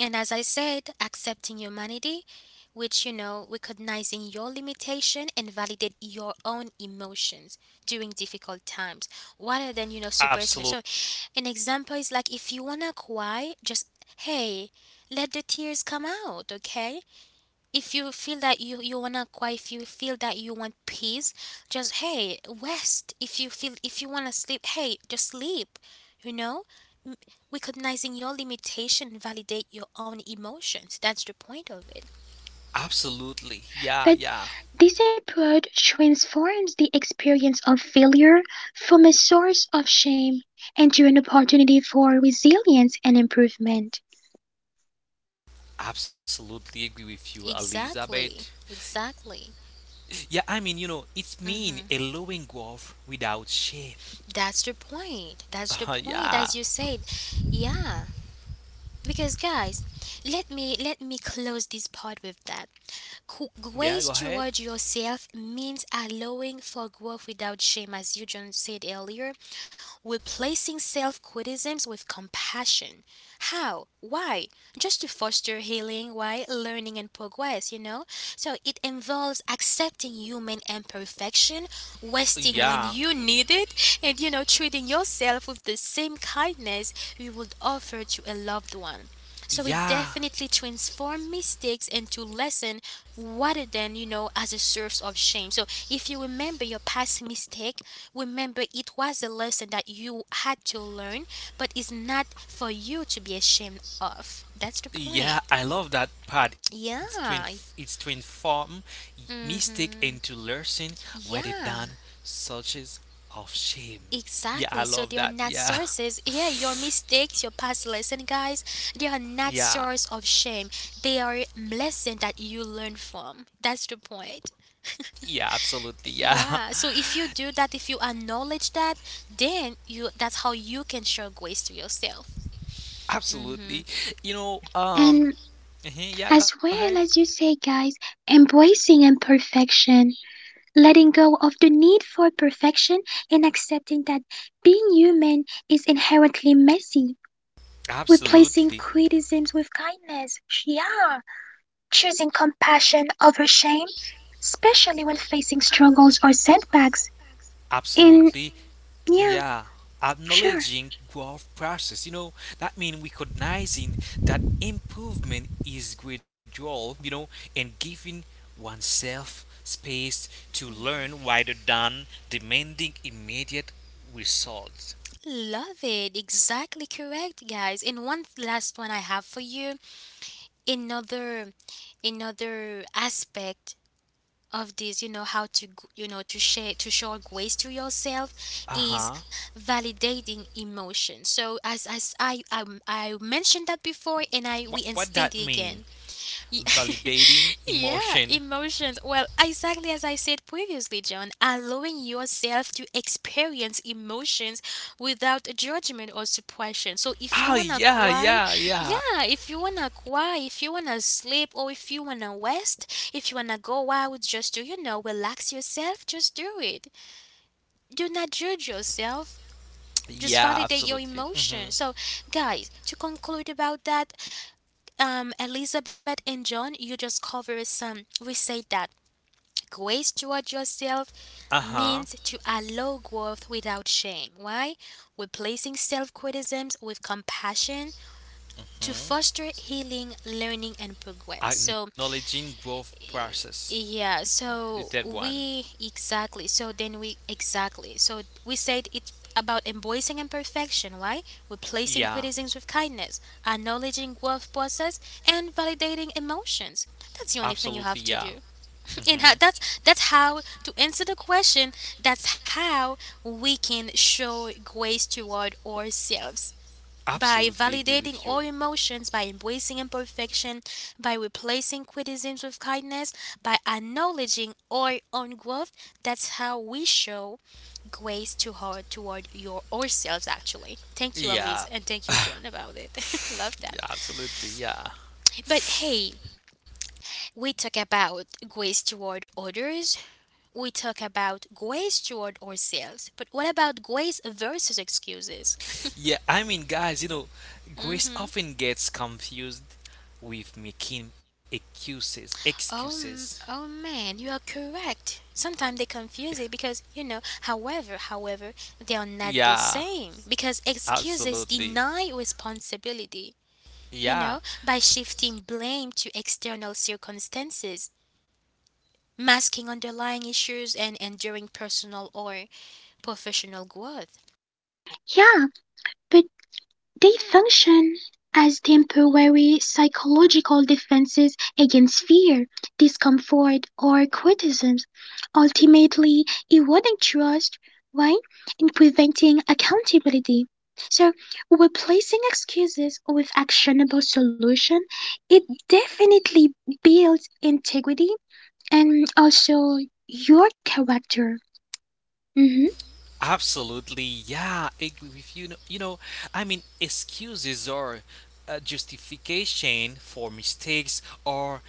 Speaker 1: And as I said, accepting humanity, which, you know, recognizing your limitation and validate your own emotions during difficult times rather than, you know, suppressing them. So,
Speaker 2: Absolutely.
Speaker 1: an example is like if you wanna cry, just hey, let the tears come out, okay? If you feel that you wanna quiet, if you feel that you want peace, just hey rest. If you feel if you wanna sleep, hey just sleep. You know, M- Recognizing your limitation, validate your own emotions. That's the point of it.
Speaker 2: Absolutely. Yeah,
Speaker 3: but
Speaker 2: yeah.
Speaker 3: this approach transforms the experience of failure from a source of shame into an opportunity for resilience and improvement.
Speaker 2: Absolutely agree with you,
Speaker 1: Exactly.
Speaker 2: Elizabeth.
Speaker 1: Exactly.
Speaker 2: Yeah, I mean, you know, it's mean
Speaker 1: Mm-hmm.
Speaker 2: allowing growth without shame.
Speaker 1: That's the point. That's the
Speaker 2: <laughs>
Speaker 1: point,
Speaker 2: yeah.
Speaker 1: as you said. Yeah. Because guys, let me close this part with that.
Speaker 2: Yeah,
Speaker 1: Grace
Speaker 2: go ahead.
Speaker 1: toward yourself means allowing for growth without shame, as you just said earlier, replacing self criticisms with compassion. How? Why? Just to foster healing, why? Learning and progress, you know? So it involves accepting human imperfection, resting when
Speaker 2: Yeah.
Speaker 1: you need it, and, you know, treating yourself with the same kindness you would offer to a loved one. So it
Speaker 2: Yeah.
Speaker 1: definitely transforms mistakes into lesson rather than, you know, as a source of shame. So if you remember your past mistake, remember, it was a lesson that you had to learn, but it's not for you to be ashamed of. That's the
Speaker 2: Yeah,
Speaker 1: point.
Speaker 2: I love that part. It's to inf-
Speaker 1: Yeah.
Speaker 2: It's to inform mistake into
Speaker 1: Mm-hmm.
Speaker 2: lesson rather than
Speaker 1: Yeah,
Speaker 2: searches of shame. Yeah, I
Speaker 1: exactly.
Speaker 2: love
Speaker 1: So
Speaker 2: that.
Speaker 1: they are not
Speaker 2: Yeah,
Speaker 1: sources. Yeah, your
Speaker 2: <laughs>
Speaker 1: mistakes, your past lesson, guys, they are not
Speaker 2: yeah,
Speaker 1: source of shame. They are lesson that you learn from. That's the point. <laughs>
Speaker 2: yeah, absolutely. Yeah,
Speaker 1: Yeah. So if you do that, if you acknowledge that, then you that's how you can show grace to yourself.
Speaker 2: <laughs>
Speaker 1: Mm-hmm.
Speaker 2: absolutely. You know,
Speaker 3: And
Speaker 2: mhm, yeah,
Speaker 3: as
Speaker 2: go ahead.
Speaker 3: well as you say, guys, embracing imperfection, letting go of the need for perfection, and accepting that being human is inherently messy. Replacing
Speaker 2: Absolutely.
Speaker 3: criticisms with kindness, yeah, choosing compassion over shame, especially when facing struggles or setbacks. And
Speaker 2: Absolutely.
Speaker 3: yeah,
Speaker 2: Mm, yeah.
Speaker 3: sure,
Speaker 2: Acknowledging growth process. You know, that means recognizing that improvement is gradual, and giving oneself space to learn rather than demanding immediate results.
Speaker 1: Love it. Exactly correct, guys. And one last one I have for you. Another Another aspect of this, you know, you know to share to show grace to yourself is
Speaker 2: Uh-huh.
Speaker 1: validating emotion. So as as I mentioned that before and I reinstate
Speaker 2: What
Speaker 1: it
Speaker 2: that
Speaker 1: again.
Speaker 2: mean?
Speaker 1: Ye- <laughs>
Speaker 2: Validating
Speaker 1: yeah,
Speaker 2: emotion.
Speaker 1: emotions. Well, exactly as I said previously, John, allowing yourself to experience emotions without judgment or suppression. So if you
Speaker 2: Ah,
Speaker 1: wanna
Speaker 2: yeah,
Speaker 1: cry,
Speaker 2: yeah, yeah.
Speaker 1: yeah, if you wanna cry, if you wanna sleep, or if you wanna rest, if you wanna go out just to, you know, relax yourself, just do it. Do not judge yourself, just
Speaker 2: Yeah,
Speaker 1: validate your
Speaker 2: absolutely. Mm-hmm.
Speaker 1: emotion. So, guys, to conclude about that, Elizabeth and John, you just covered some. We said that grace toward yourself
Speaker 2: Uh-huh.
Speaker 1: means to allow growth without shame. Why? Replacing self criticisms with compassion to
Speaker 2: Mm-hmm.
Speaker 1: foster healing, learning, and progress. So
Speaker 2: Acknowledging growth process,
Speaker 1: yeah,
Speaker 2: the
Speaker 1: so
Speaker 2: third one.
Speaker 1: we exactly, so then we exactly, so we said it's about embracing imperfection, right?
Speaker 2: Yeah
Speaker 1: Replacing criticisms with kindness, acknowledging growth process, and validating emotions. That's the only
Speaker 2: absolutely
Speaker 1: thing you have
Speaker 2: yeah,
Speaker 1: to do. <laughs>
Speaker 2: hmm
Speaker 1: and how, that's how to answer the question. That's how we can show grace toward ourselves by
Speaker 2: absolutely agree
Speaker 1: validating
Speaker 2: with you,
Speaker 1: all emotions, by embracing imperfection, by replacing criticisms with kindness, by acknowledging our own growth, that's how we show grace to her toward your ourselves actually. Thank you, Elise,
Speaker 2: yeah,
Speaker 1: and thank you, John, about it. <laughs> Love that.
Speaker 2: yeah absolutely yeah,
Speaker 1: But hey, we talk about grace toward others, we talk about grace toward ourselves, but what about grace versus excuses? <laughs>
Speaker 2: yeah I mean guys you know grace
Speaker 1: Mhm.
Speaker 2: often gets confused with making
Speaker 1: Oh,
Speaker 2: excuses,
Speaker 1: oh man, you are correct. Sometimes they confuse it because, you know, however, they are not the
Speaker 2: yeah,
Speaker 1: same because excuses
Speaker 2: absolutely,
Speaker 1: deny responsibility, you
Speaker 2: yeah.
Speaker 1: know, by shifting blame to external circumstances, masking underlying issues and enduring personal or professional growth.
Speaker 3: yeah, but they function as temporary psychological defenses against fear, discomfort, or criticism, ultimately eroding trust, right? And preventing accountability. So, replacing excuses with actionable solution, it definitely builds integrity and also your character. Mhm.
Speaker 2: Absolutely, yeah, I agree with you. No- You know, excuses are a justification for mistakes or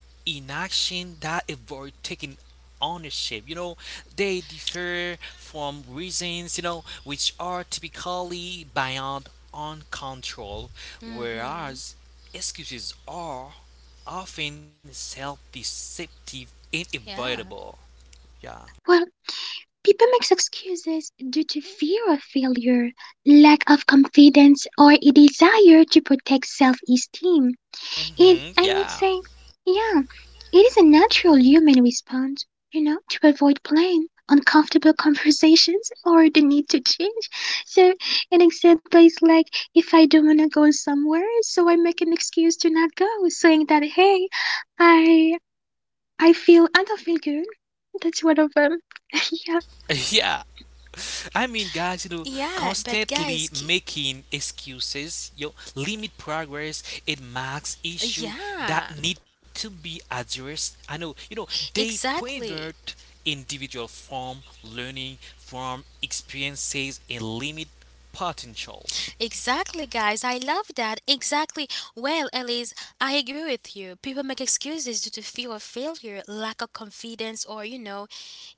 Speaker 2: inaction that avoid taking ownership. You know, they differ from reasons, which are typically beyond on control,
Speaker 1: Mhm.
Speaker 2: whereas excuses are often self deceptive and
Speaker 1: Yeah.
Speaker 2: avoidable. Yeah.
Speaker 3: Well, people make excuses due to fear of failure, lack of confidence, or a desire to protect self esteem. And
Speaker 2: Mm-hmm.
Speaker 3: I would
Speaker 2: Yeah.
Speaker 3: say, yeah, it is a natural human response, you know, to avoid plain, uncomfortable <laughs> conversations or the need to change. So, an example is like if I don't want to go somewhere, so I make an excuse to not go, saying that, hey, I. I feel, I don't feel good. That's one of them. <laughs> Yeah.
Speaker 2: <laughs> yeah. I mean, guys, you know,
Speaker 1: Yeah, but guys,
Speaker 2: constantly making excuses, limit progress, it marks issue that
Speaker 1: yeah.
Speaker 2: need to be addressed. I know, they
Speaker 1: Exactly.
Speaker 2: prevent individual from learning from experiences and limit potential.
Speaker 1: Exactly, guys. I love that. Exactly. Well, Elise, I agree with you. People make excuses due to fear of failure, lack of confidence, or you know,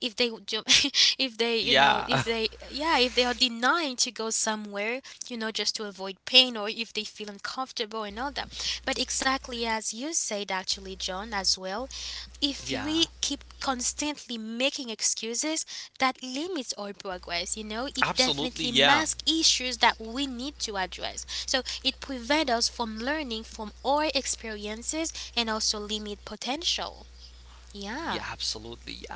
Speaker 1: if they would jump, <laughs> if they, you know,
Speaker 2: Yeah,
Speaker 1: if they, yeah, if they are denying to go somewhere, you know, just to avoid pain, or if they feel uncomfortable and all that. But exactly as you said, actually, John, as well,
Speaker 2: <laughs>
Speaker 1: if
Speaker 2: yeah,
Speaker 1: we keep constantly making excuses that limits our progress, you know, it
Speaker 2: absolutely,
Speaker 1: definitely
Speaker 2: yeah,
Speaker 1: masks issues that we need to address, so it prevents us from learning from our experiences and also limit potential.
Speaker 2: yeah,
Speaker 1: Yeah.
Speaker 2: absolutely, yeah.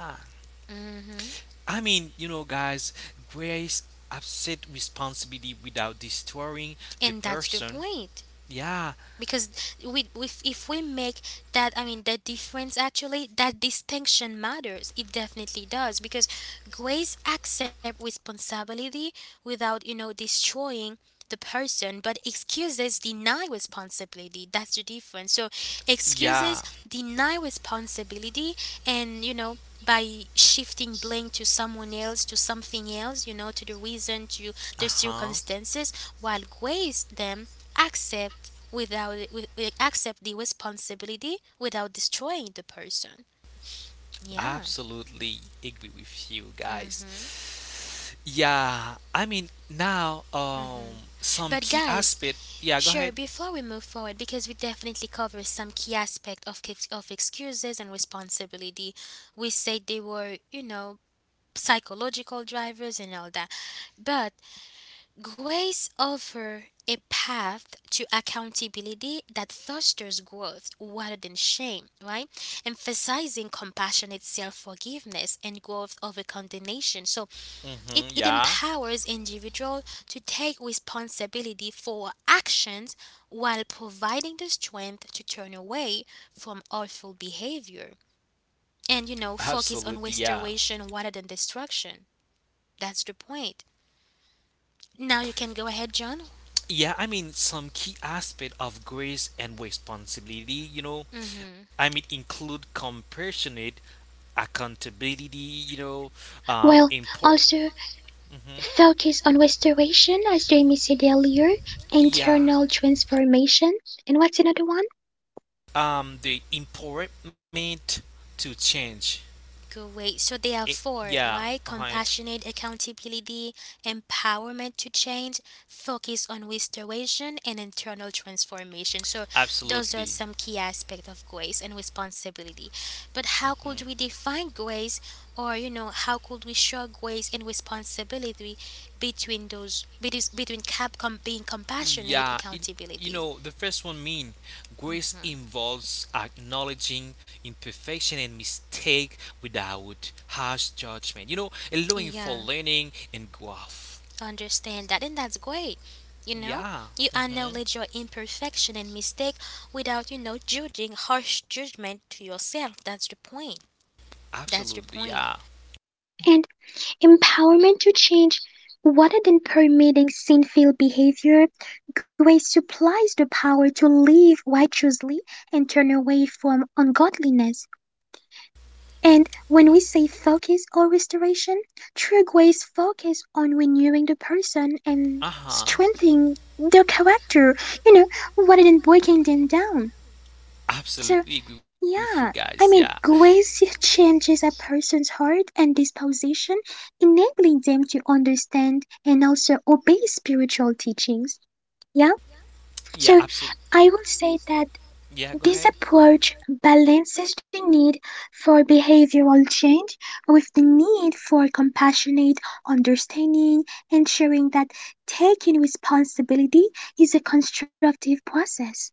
Speaker 1: hmm
Speaker 2: I mean, you know, guys, grace upset responsibility without destroying the
Speaker 1: and that's the
Speaker 2: person.
Speaker 1: point,
Speaker 2: Yeah,
Speaker 1: because we if we make that, I mean, that difference, actually, that distinction matters. It definitely does, because grace accept responsibility without, you know, destroying the person, but excuses deny responsibility. That's the difference. So excuses
Speaker 2: yeah,
Speaker 1: deny responsibility, and, you know, by shifting blame to someone else, to something else, you know, to the reason, to
Speaker 2: uh
Speaker 1: the
Speaker 2: huh,
Speaker 1: circumstances, while grace them accept without with, with- accept the responsibility without destroying the person. Yeah.
Speaker 2: absolutely agree with you guys.
Speaker 1: hmm
Speaker 2: Yeah, some key
Speaker 1: But
Speaker 2: aspect.
Speaker 1: guys,
Speaker 2: Yeah, go ahead.
Speaker 1: sure. Before we move forward, because we definitely cover some key aspect of excuses and responsibility, we said they were, you know, psychological drivers and all that. But grace offers a path to accountability that fosters growth rather than shame, right? Emphasizing compassionate self forgiveness and growth over condemnation. So
Speaker 2: Mm-hmm,
Speaker 1: it
Speaker 2: yeah,
Speaker 1: empowers individuals to take responsibility for actions while providing the strength to turn away from awful behavior. And you know, focus
Speaker 2: absolutely,
Speaker 1: on
Speaker 2: yeah.
Speaker 1: restoration rather than destruction. That's the point. Now you can go ahead, John.
Speaker 2: Yeah, some key aspect of grace and responsibility,
Speaker 1: Hmm
Speaker 2: include compassionate accountability, you know,
Speaker 3: Well,
Speaker 2: import.
Speaker 3: also
Speaker 2: Hmm
Speaker 3: focus on restoration, as Jamie said earlier,
Speaker 2: Yeah,
Speaker 3: internal transformation, and what's another one?
Speaker 2: the empowerment to change.
Speaker 1: Great. So
Speaker 2: I-
Speaker 1: there are four,
Speaker 2: yeah,
Speaker 1: right?
Speaker 2: uh
Speaker 1: Compassionate accountability, empowerment to change, focus on restoration, and internal transformation. So those are
Speaker 2: absolutely.
Speaker 1: some key aspects of grace and responsibility. But how could we define grace, or you know, how could we show grace and responsibility between those being compassionate
Speaker 2: Yeah, you
Speaker 1: accountability?
Speaker 2: know, the first one mean grace involves acknowledging imperfection and mistake without harsh judgment. You know, allowing
Speaker 1: Yeah,
Speaker 2: for learning and growth.
Speaker 1: understand that and that's great, you know, you
Speaker 2: Yeah,
Speaker 1: acknowledge your imperfection and mistake without, you know, judging harsh judgment to yourself. That's the point. That's the
Speaker 2: absolutely.
Speaker 1: point.
Speaker 2: Yeah.
Speaker 3: And empowerment to change rather than permitting sinful behavior. Grace supplies the power to live righteously and turn away from ungodliness. And when we say focus or restoration, true grace focus on renewing the person and
Speaker 2: Uh huh.
Speaker 3: strengthening their character, you know, rather than breaking them down. So,
Speaker 2: Absolutely agree with you
Speaker 3: yeah,
Speaker 2: guys.
Speaker 3: I
Speaker 2: Yeah.
Speaker 3: mean, grace changes a person's heart and disposition, enabling them to understand and also obey spiritual teachings. Yeah, so
Speaker 2: Yeah. Absolutely.
Speaker 3: I will say that
Speaker 2: Yeah.
Speaker 3: this
Speaker 2: Go ahead.
Speaker 3: approach balances the need for behavioral change with the need for compassionate understanding, ensuring that taking responsibility is a constructive process.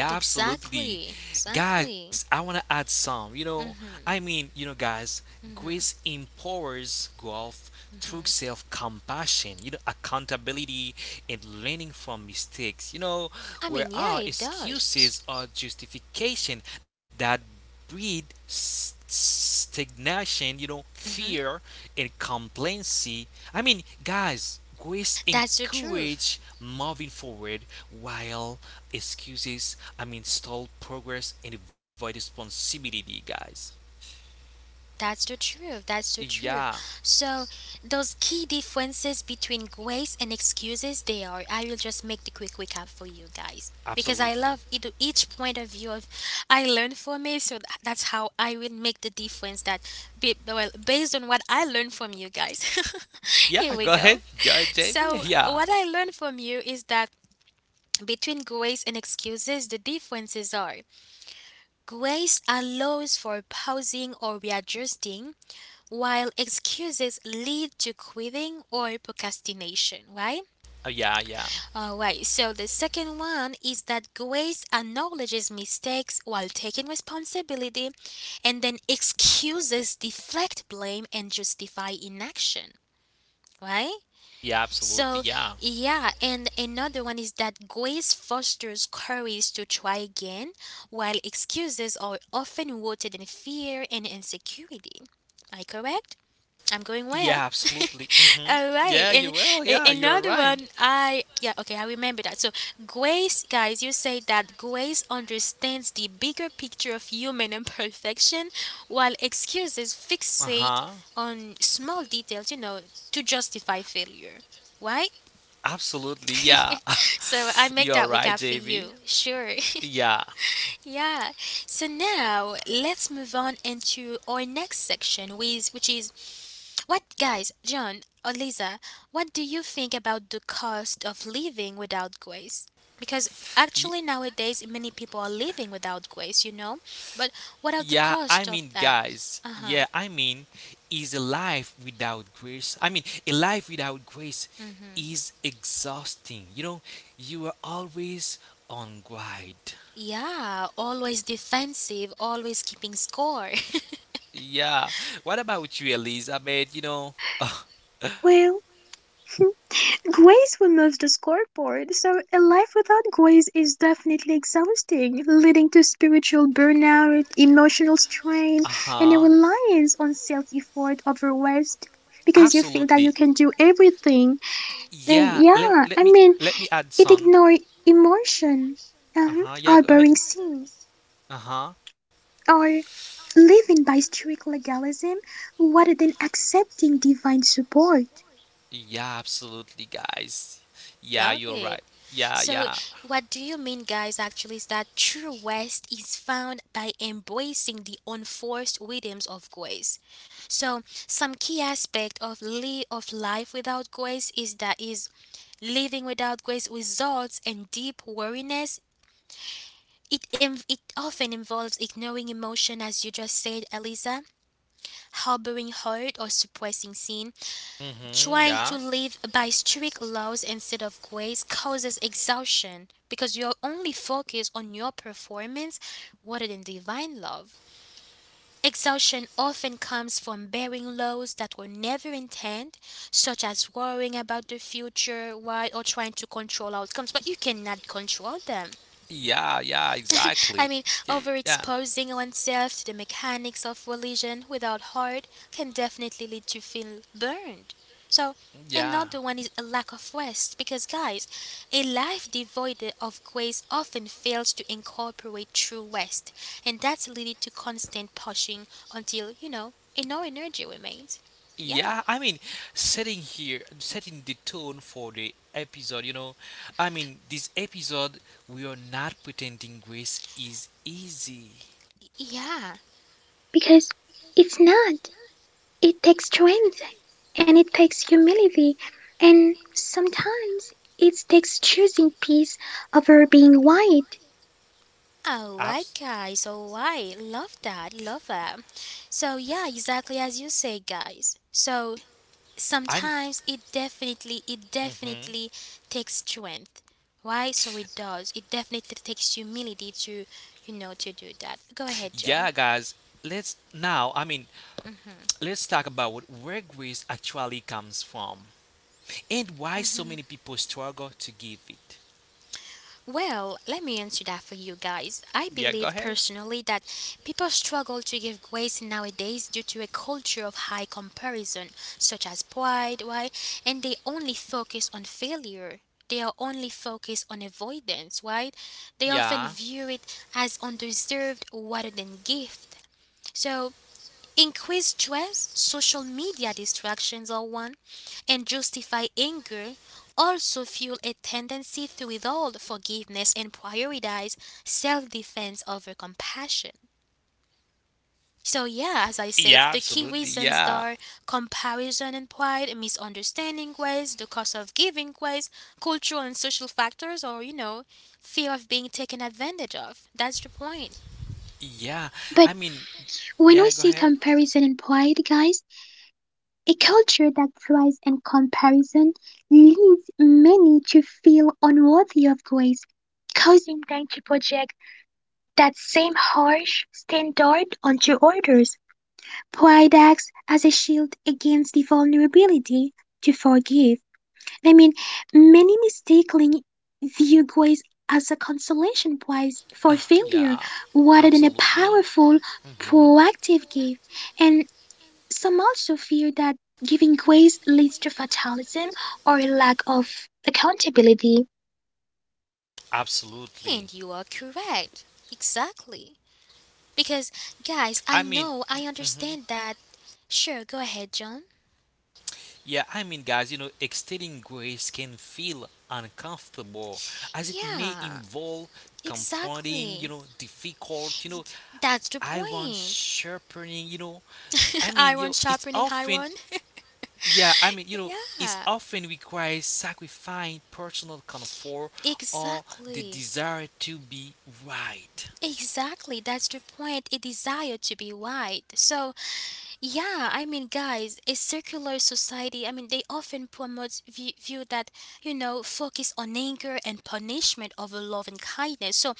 Speaker 2: Yeah,
Speaker 1: Exactly.
Speaker 2: absolutely.
Speaker 1: Exactly.
Speaker 2: Guys, I want to add some. You know,
Speaker 1: Mm.
Speaker 2: I mean, you know, guys, grace empowers growth through self compassion, accountability, and learning from mistakes. You know,
Speaker 1: I mean
Speaker 2: where
Speaker 1: yeah it
Speaker 2: our
Speaker 1: does.
Speaker 2: excuses are justification that breed stagnation,
Speaker 1: Hmm
Speaker 2: fear and complacency. I mean, guys, grace
Speaker 1: that's the truth.
Speaker 2: encourage moving forward while excuses, stall progress and avoid responsibility, guys.
Speaker 1: That's the truth. That's the truth.
Speaker 2: Yeah,
Speaker 1: So, those key differences between grace and excuses, they are. I will just make the quick recap for you guys because I
Speaker 2: absolutely.
Speaker 1: love it, each point of view of I learned from it. So that's how I will make the difference. That Be, well, based on what I learned from you guys. <laughs>
Speaker 2: Yeah,
Speaker 1: Here we go.
Speaker 2: go ahead, JV.
Speaker 1: So
Speaker 2: Yeah,
Speaker 1: what I learned from you is that between grace and excuses, the differences are grace allows for pausing or readjusting while excuses lead to quitting or procrastination, right?
Speaker 2: Uh, yeah, yeah,
Speaker 1: All right, so the second one is that grace acknowledges mistakes while taking responsibility, and then excuses deflect blame and justify inaction. Right?
Speaker 2: yeah,
Speaker 1: So,
Speaker 2: absolutely, yeah.
Speaker 1: yeah, and another one is that grace fosters courage to try again, while excuses are often rooted in fear and insecurity. Am I correct? I'm going well.
Speaker 2: Yeah,
Speaker 1: <laughs>
Speaker 2: absolutely. Hmm.
Speaker 1: All right.
Speaker 2: Yeah, you
Speaker 1: And
Speaker 2: will. Yeah, you are
Speaker 1: another
Speaker 2: right.
Speaker 1: one, I, yeah, okay, I remember that. So, Grace, guys, you say that Grace understands the bigger picture of human <laughs> imperfection, while
Speaker 2: Uh
Speaker 1: excuses
Speaker 2: huh.
Speaker 1: fixate on small details, you know, to justify failure. Right?
Speaker 2: Absolutely.
Speaker 1: <laughs>
Speaker 2: Yeah,
Speaker 1: so,
Speaker 2: <laughs>
Speaker 1: I
Speaker 2: you
Speaker 1: make
Speaker 2: are
Speaker 1: that
Speaker 2: right,
Speaker 1: recap for
Speaker 2: JB.
Speaker 1: you. Sure. <laughs>
Speaker 2: Yeah.
Speaker 1: Yeah. So now let's move on into our next section, which is what, guys, John or Lisa, what do you think about the cost of living without grace? Because actually nowadays many people are living without grace, you know? But what are the
Speaker 2: Yeah, I
Speaker 1: cost of
Speaker 2: mean,
Speaker 1: that?
Speaker 2: guys,
Speaker 1: Uh huh.
Speaker 2: yeah, I mean, is a life without grace. A life without grace
Speaker 1: Mm hmm.
Speaker 2: is exhausting. You know, you are always on guard.
Speaker 1: Yeah, always defensive, always keeping score. <laughs>
Speaker 2: Yeah. What about you, Elizabeth? You know, <laughs> uh
Speaker 3: Well, <laughs> grace removes the scoreboard, so a life without grace is definitely exhausting, leading to spiritual burnout, emotional strain, and
Speaker 2: huh.
Speaker 3: a reliance on self effort over rest because you feel that
Speaker 2: Absolutely.
Speaker 3: you can do everything. And
Speaker 2: Yeah.
Speaker 3: yeah,
Speaker 2: Let me
Speaker 3: I mean,
Speaker 2: add
Speaker 3: it
Speaker 2: some.
Speaker 3: ignored emotion,
Speaker 2: Uh huh. Yeah. Go
Speaker 3: or
Speaker 2: ahead.
Speaker 3: boring scene,
Speaker 2: Uh huh.
Speaker 3: or living by strict legalism rather than accepting divine support.
Speaker 2: Yeah, absolutely, guys.
Speaker 1: Love
Speaker 2: Yeah, you're
Speaker 1: it.
Speaker 2: right. Yeah,
Speaker 1: So,
Speaker 2: yeah.
Speaker 1: what do you mean, guys, actually, is that true rest is found by embracing the unforced rhythms of grace. So, some key aspect of life without grace is that is living without grace results in deep weariness. It, it often involves ignoring emotion, as you just said, Eliza, harboring hurt or suppressing sin.
Speaker 2: Mm-hmm.
Speaker 1: Trying to
Speaker 2: Yeah.
Speaker 1: live by strict laws instead of grace causes exhaustion because you're only focused on your performance rather than divine love. Exhaustion often comes from bearing loads that were never intended, such as worrying about the future, why, or trying to control outcomes, but you cannot control them.
Speaker 2: Yeah, yeah,
Speaker 1: I
Speaker 2: exactly.
Speaker 1: mean,
Speaker 2: Yeah.
Speaker 1: overexposing oneself to the mechanics of religion without heart can definitely lead to feel burned. So,
Speaker 2: Yeah.
Speaker 1: another one is a lack of rest because, guys, a life devoid of grace often fails to incorporate true rest, and that's leading to constant pushing until, you know, no energy remains. Yeah,
Speaker 2: Yeah, setting here, setting the tone for the episode, you know. I mean, this episode, we are not pretending grace is easy.
Speaker 1: yeah.
Speaker 3: Because it's not. It takes strength, and it takes humility, and sometimes it takes choosing peace over being white.
Speaker 1: All right,
Speaker 2: Abs-
Speaker 1: guys. All right, love that, love that. So yeah, exactly as you say, guys. So
Speaker 2: I'm.
Speaker 1: sometimes it definitely
Speaker 2: Hmm.
Speaker 1: takes strength. Why? So it does, it definitely takes humility to, you know, to do that. Go ahead,
Speaker 2: Yeah,
Speaker 1: John.
Speaker 2: guys, let's now, I mean, let's talk about where grace actually comes from and why so many people struggle to give it.
Speaker 1: Well, let me answer that for you guys. I
Speaker 2: Yeah,
Speaker 1: believe
Speaker 2: go ahead.
Speaker 1: personally that people struggle to give grace nowadays due to a culture of high comparison, such as pride, why? And they only focus on failure. They are only focused on avoidance, right? They often
Speaker 2: Yeah.
Speaker 1: view it as undeserved rather than gift. So increased stress, social media distractions are one, and justify anger also fuel a tendency to withhold forgiveness and prioritize self defense over compassion. So, yeah, as I said,
Speaker 2: Yeah,
Speaker 1: the key
Speaker 2: absolutely.
Speaker 1: reasons
Speaker 2: Yeah.
Speaker 1: are comparison and pride, misunderstanding ways, the cost of giving ways, cultural and social factors, or, you know, fear of being taken advantage of. That's the point.
Speaker 2: Yeah.
Speaker 3: But
Speaker 2: I mean,
Speaker 3: when we
Speaker 2: yeah, go
Speaker 3: see
Speaker 2: ahead.
Speaker 3: comparison and pride, guys, a culture that thrives in comparison leads many to feel unworthy of grace, causing them to project that same harsh standard onto others. Pride acts as a shield against the vulnerability to forgive. I mean, many mistakenly view grace as a consolation prize for failure
Speaker 2: Yeah,
Speaker 3: rather than a
Speaker 2: absolutely.
Speaker 3: powerful,
Speaker 2: Hmm.
Speaker 3: proactive gift. And some also fear that giving grace leads to fatalism or a lack of accountability.
Speaker 1: And you
Speaker 2: Absolutely.
Speaker 1: are correct. Exactly. Because, guys, I
Speaker 2: I mean,
Speaker 1: know, I
Speaker 2: hmm
Speaker 1: understand that. Sure, go ahead, John.
Speaker 2: guys, you know, extending grace can feel uncomfortable as it may
Speaker 1: Yeah,
Speaker 2: involve confronting,
Speaker 1: exactly.
Speaker 2: difficult,
Speaker 1: That's the
Speaker 2: I want
Speaker 1: point.
Speaker 2: sharpening, you know. I
Speaker 1: <laughs>
Speaker 2: mean, you
Speaker 1: Iron
Speaker 2: know, it's
Speaker 1: sharpening
Speaker 2: often,
Speaker 1: iron.
Speaker 2: yeah, I mean, you know,
Speaker 1: <laughs>
Speaker 2: it's
Speaker 1: yeah,
Speaker 2: often requires sacrificing personal comfort or the
Speaker 1: exactly.
Speaker 2: desire to be right.
Speaker 1: Exactly, that's the point. A desire to be right. So, yeah, I mean, guys, a circular society, I mean, they often promote view that, you know, focus on anger and punishment over love and kindness. So,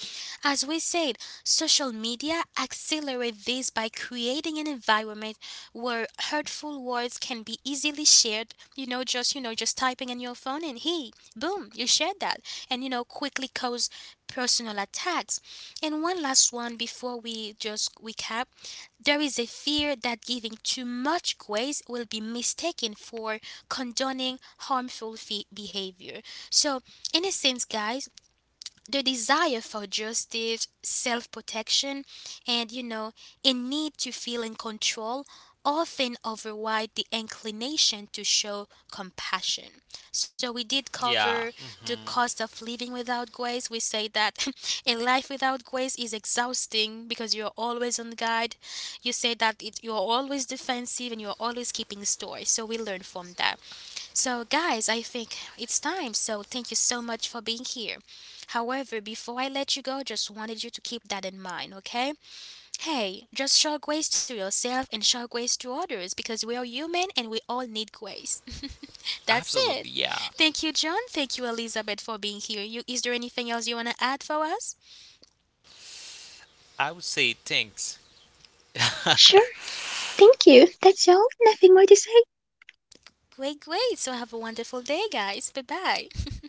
Speaker 1: as we said, social media accelerate this by creating an environment where hurtful words can be easily shared, you know, just typing in your phone and hey, boom, you shared that. And, you know, quickly cause personal attacks. And one last one before we just recap, there is a fear that giving too much grace will be mistaken for condoning harmful fe behavior. So, in a sense, guys, the desire for justice, self protection, and you know, a need to feel in control often override the inclination to show compassion. So, we did
Speaker 2: Yeah.
Speaker 1: cover the
Speaker 2: Hmm.
Speaker 1: cost of living without grace. We say that <laughs> a life without grace is exhausting because you're always on guard. You say that it, you're always defensive and you're always keeping store. So, we learn from that. So, guys, I think it's time. So, thank you so much for being here. However, before I let you go, just wanted you to keep that in mind, okay? Hey, just show grace to yourself and show grace to others because we are human and we all need grace. <laughs> That's it.
Speaker 2: Absolutely, yeah.
Speaker 1: Thank you, John. Thank you, Elizabeth, for being here. You, is there anything else you want to add for us?
Speaker 2: I would say thanks.
Speaker 3: Sure, thank you. That's all. Nothing more to say.
Speaker 1: Great, great. So, have a wonderful day, guys. Bye bye. <laughs>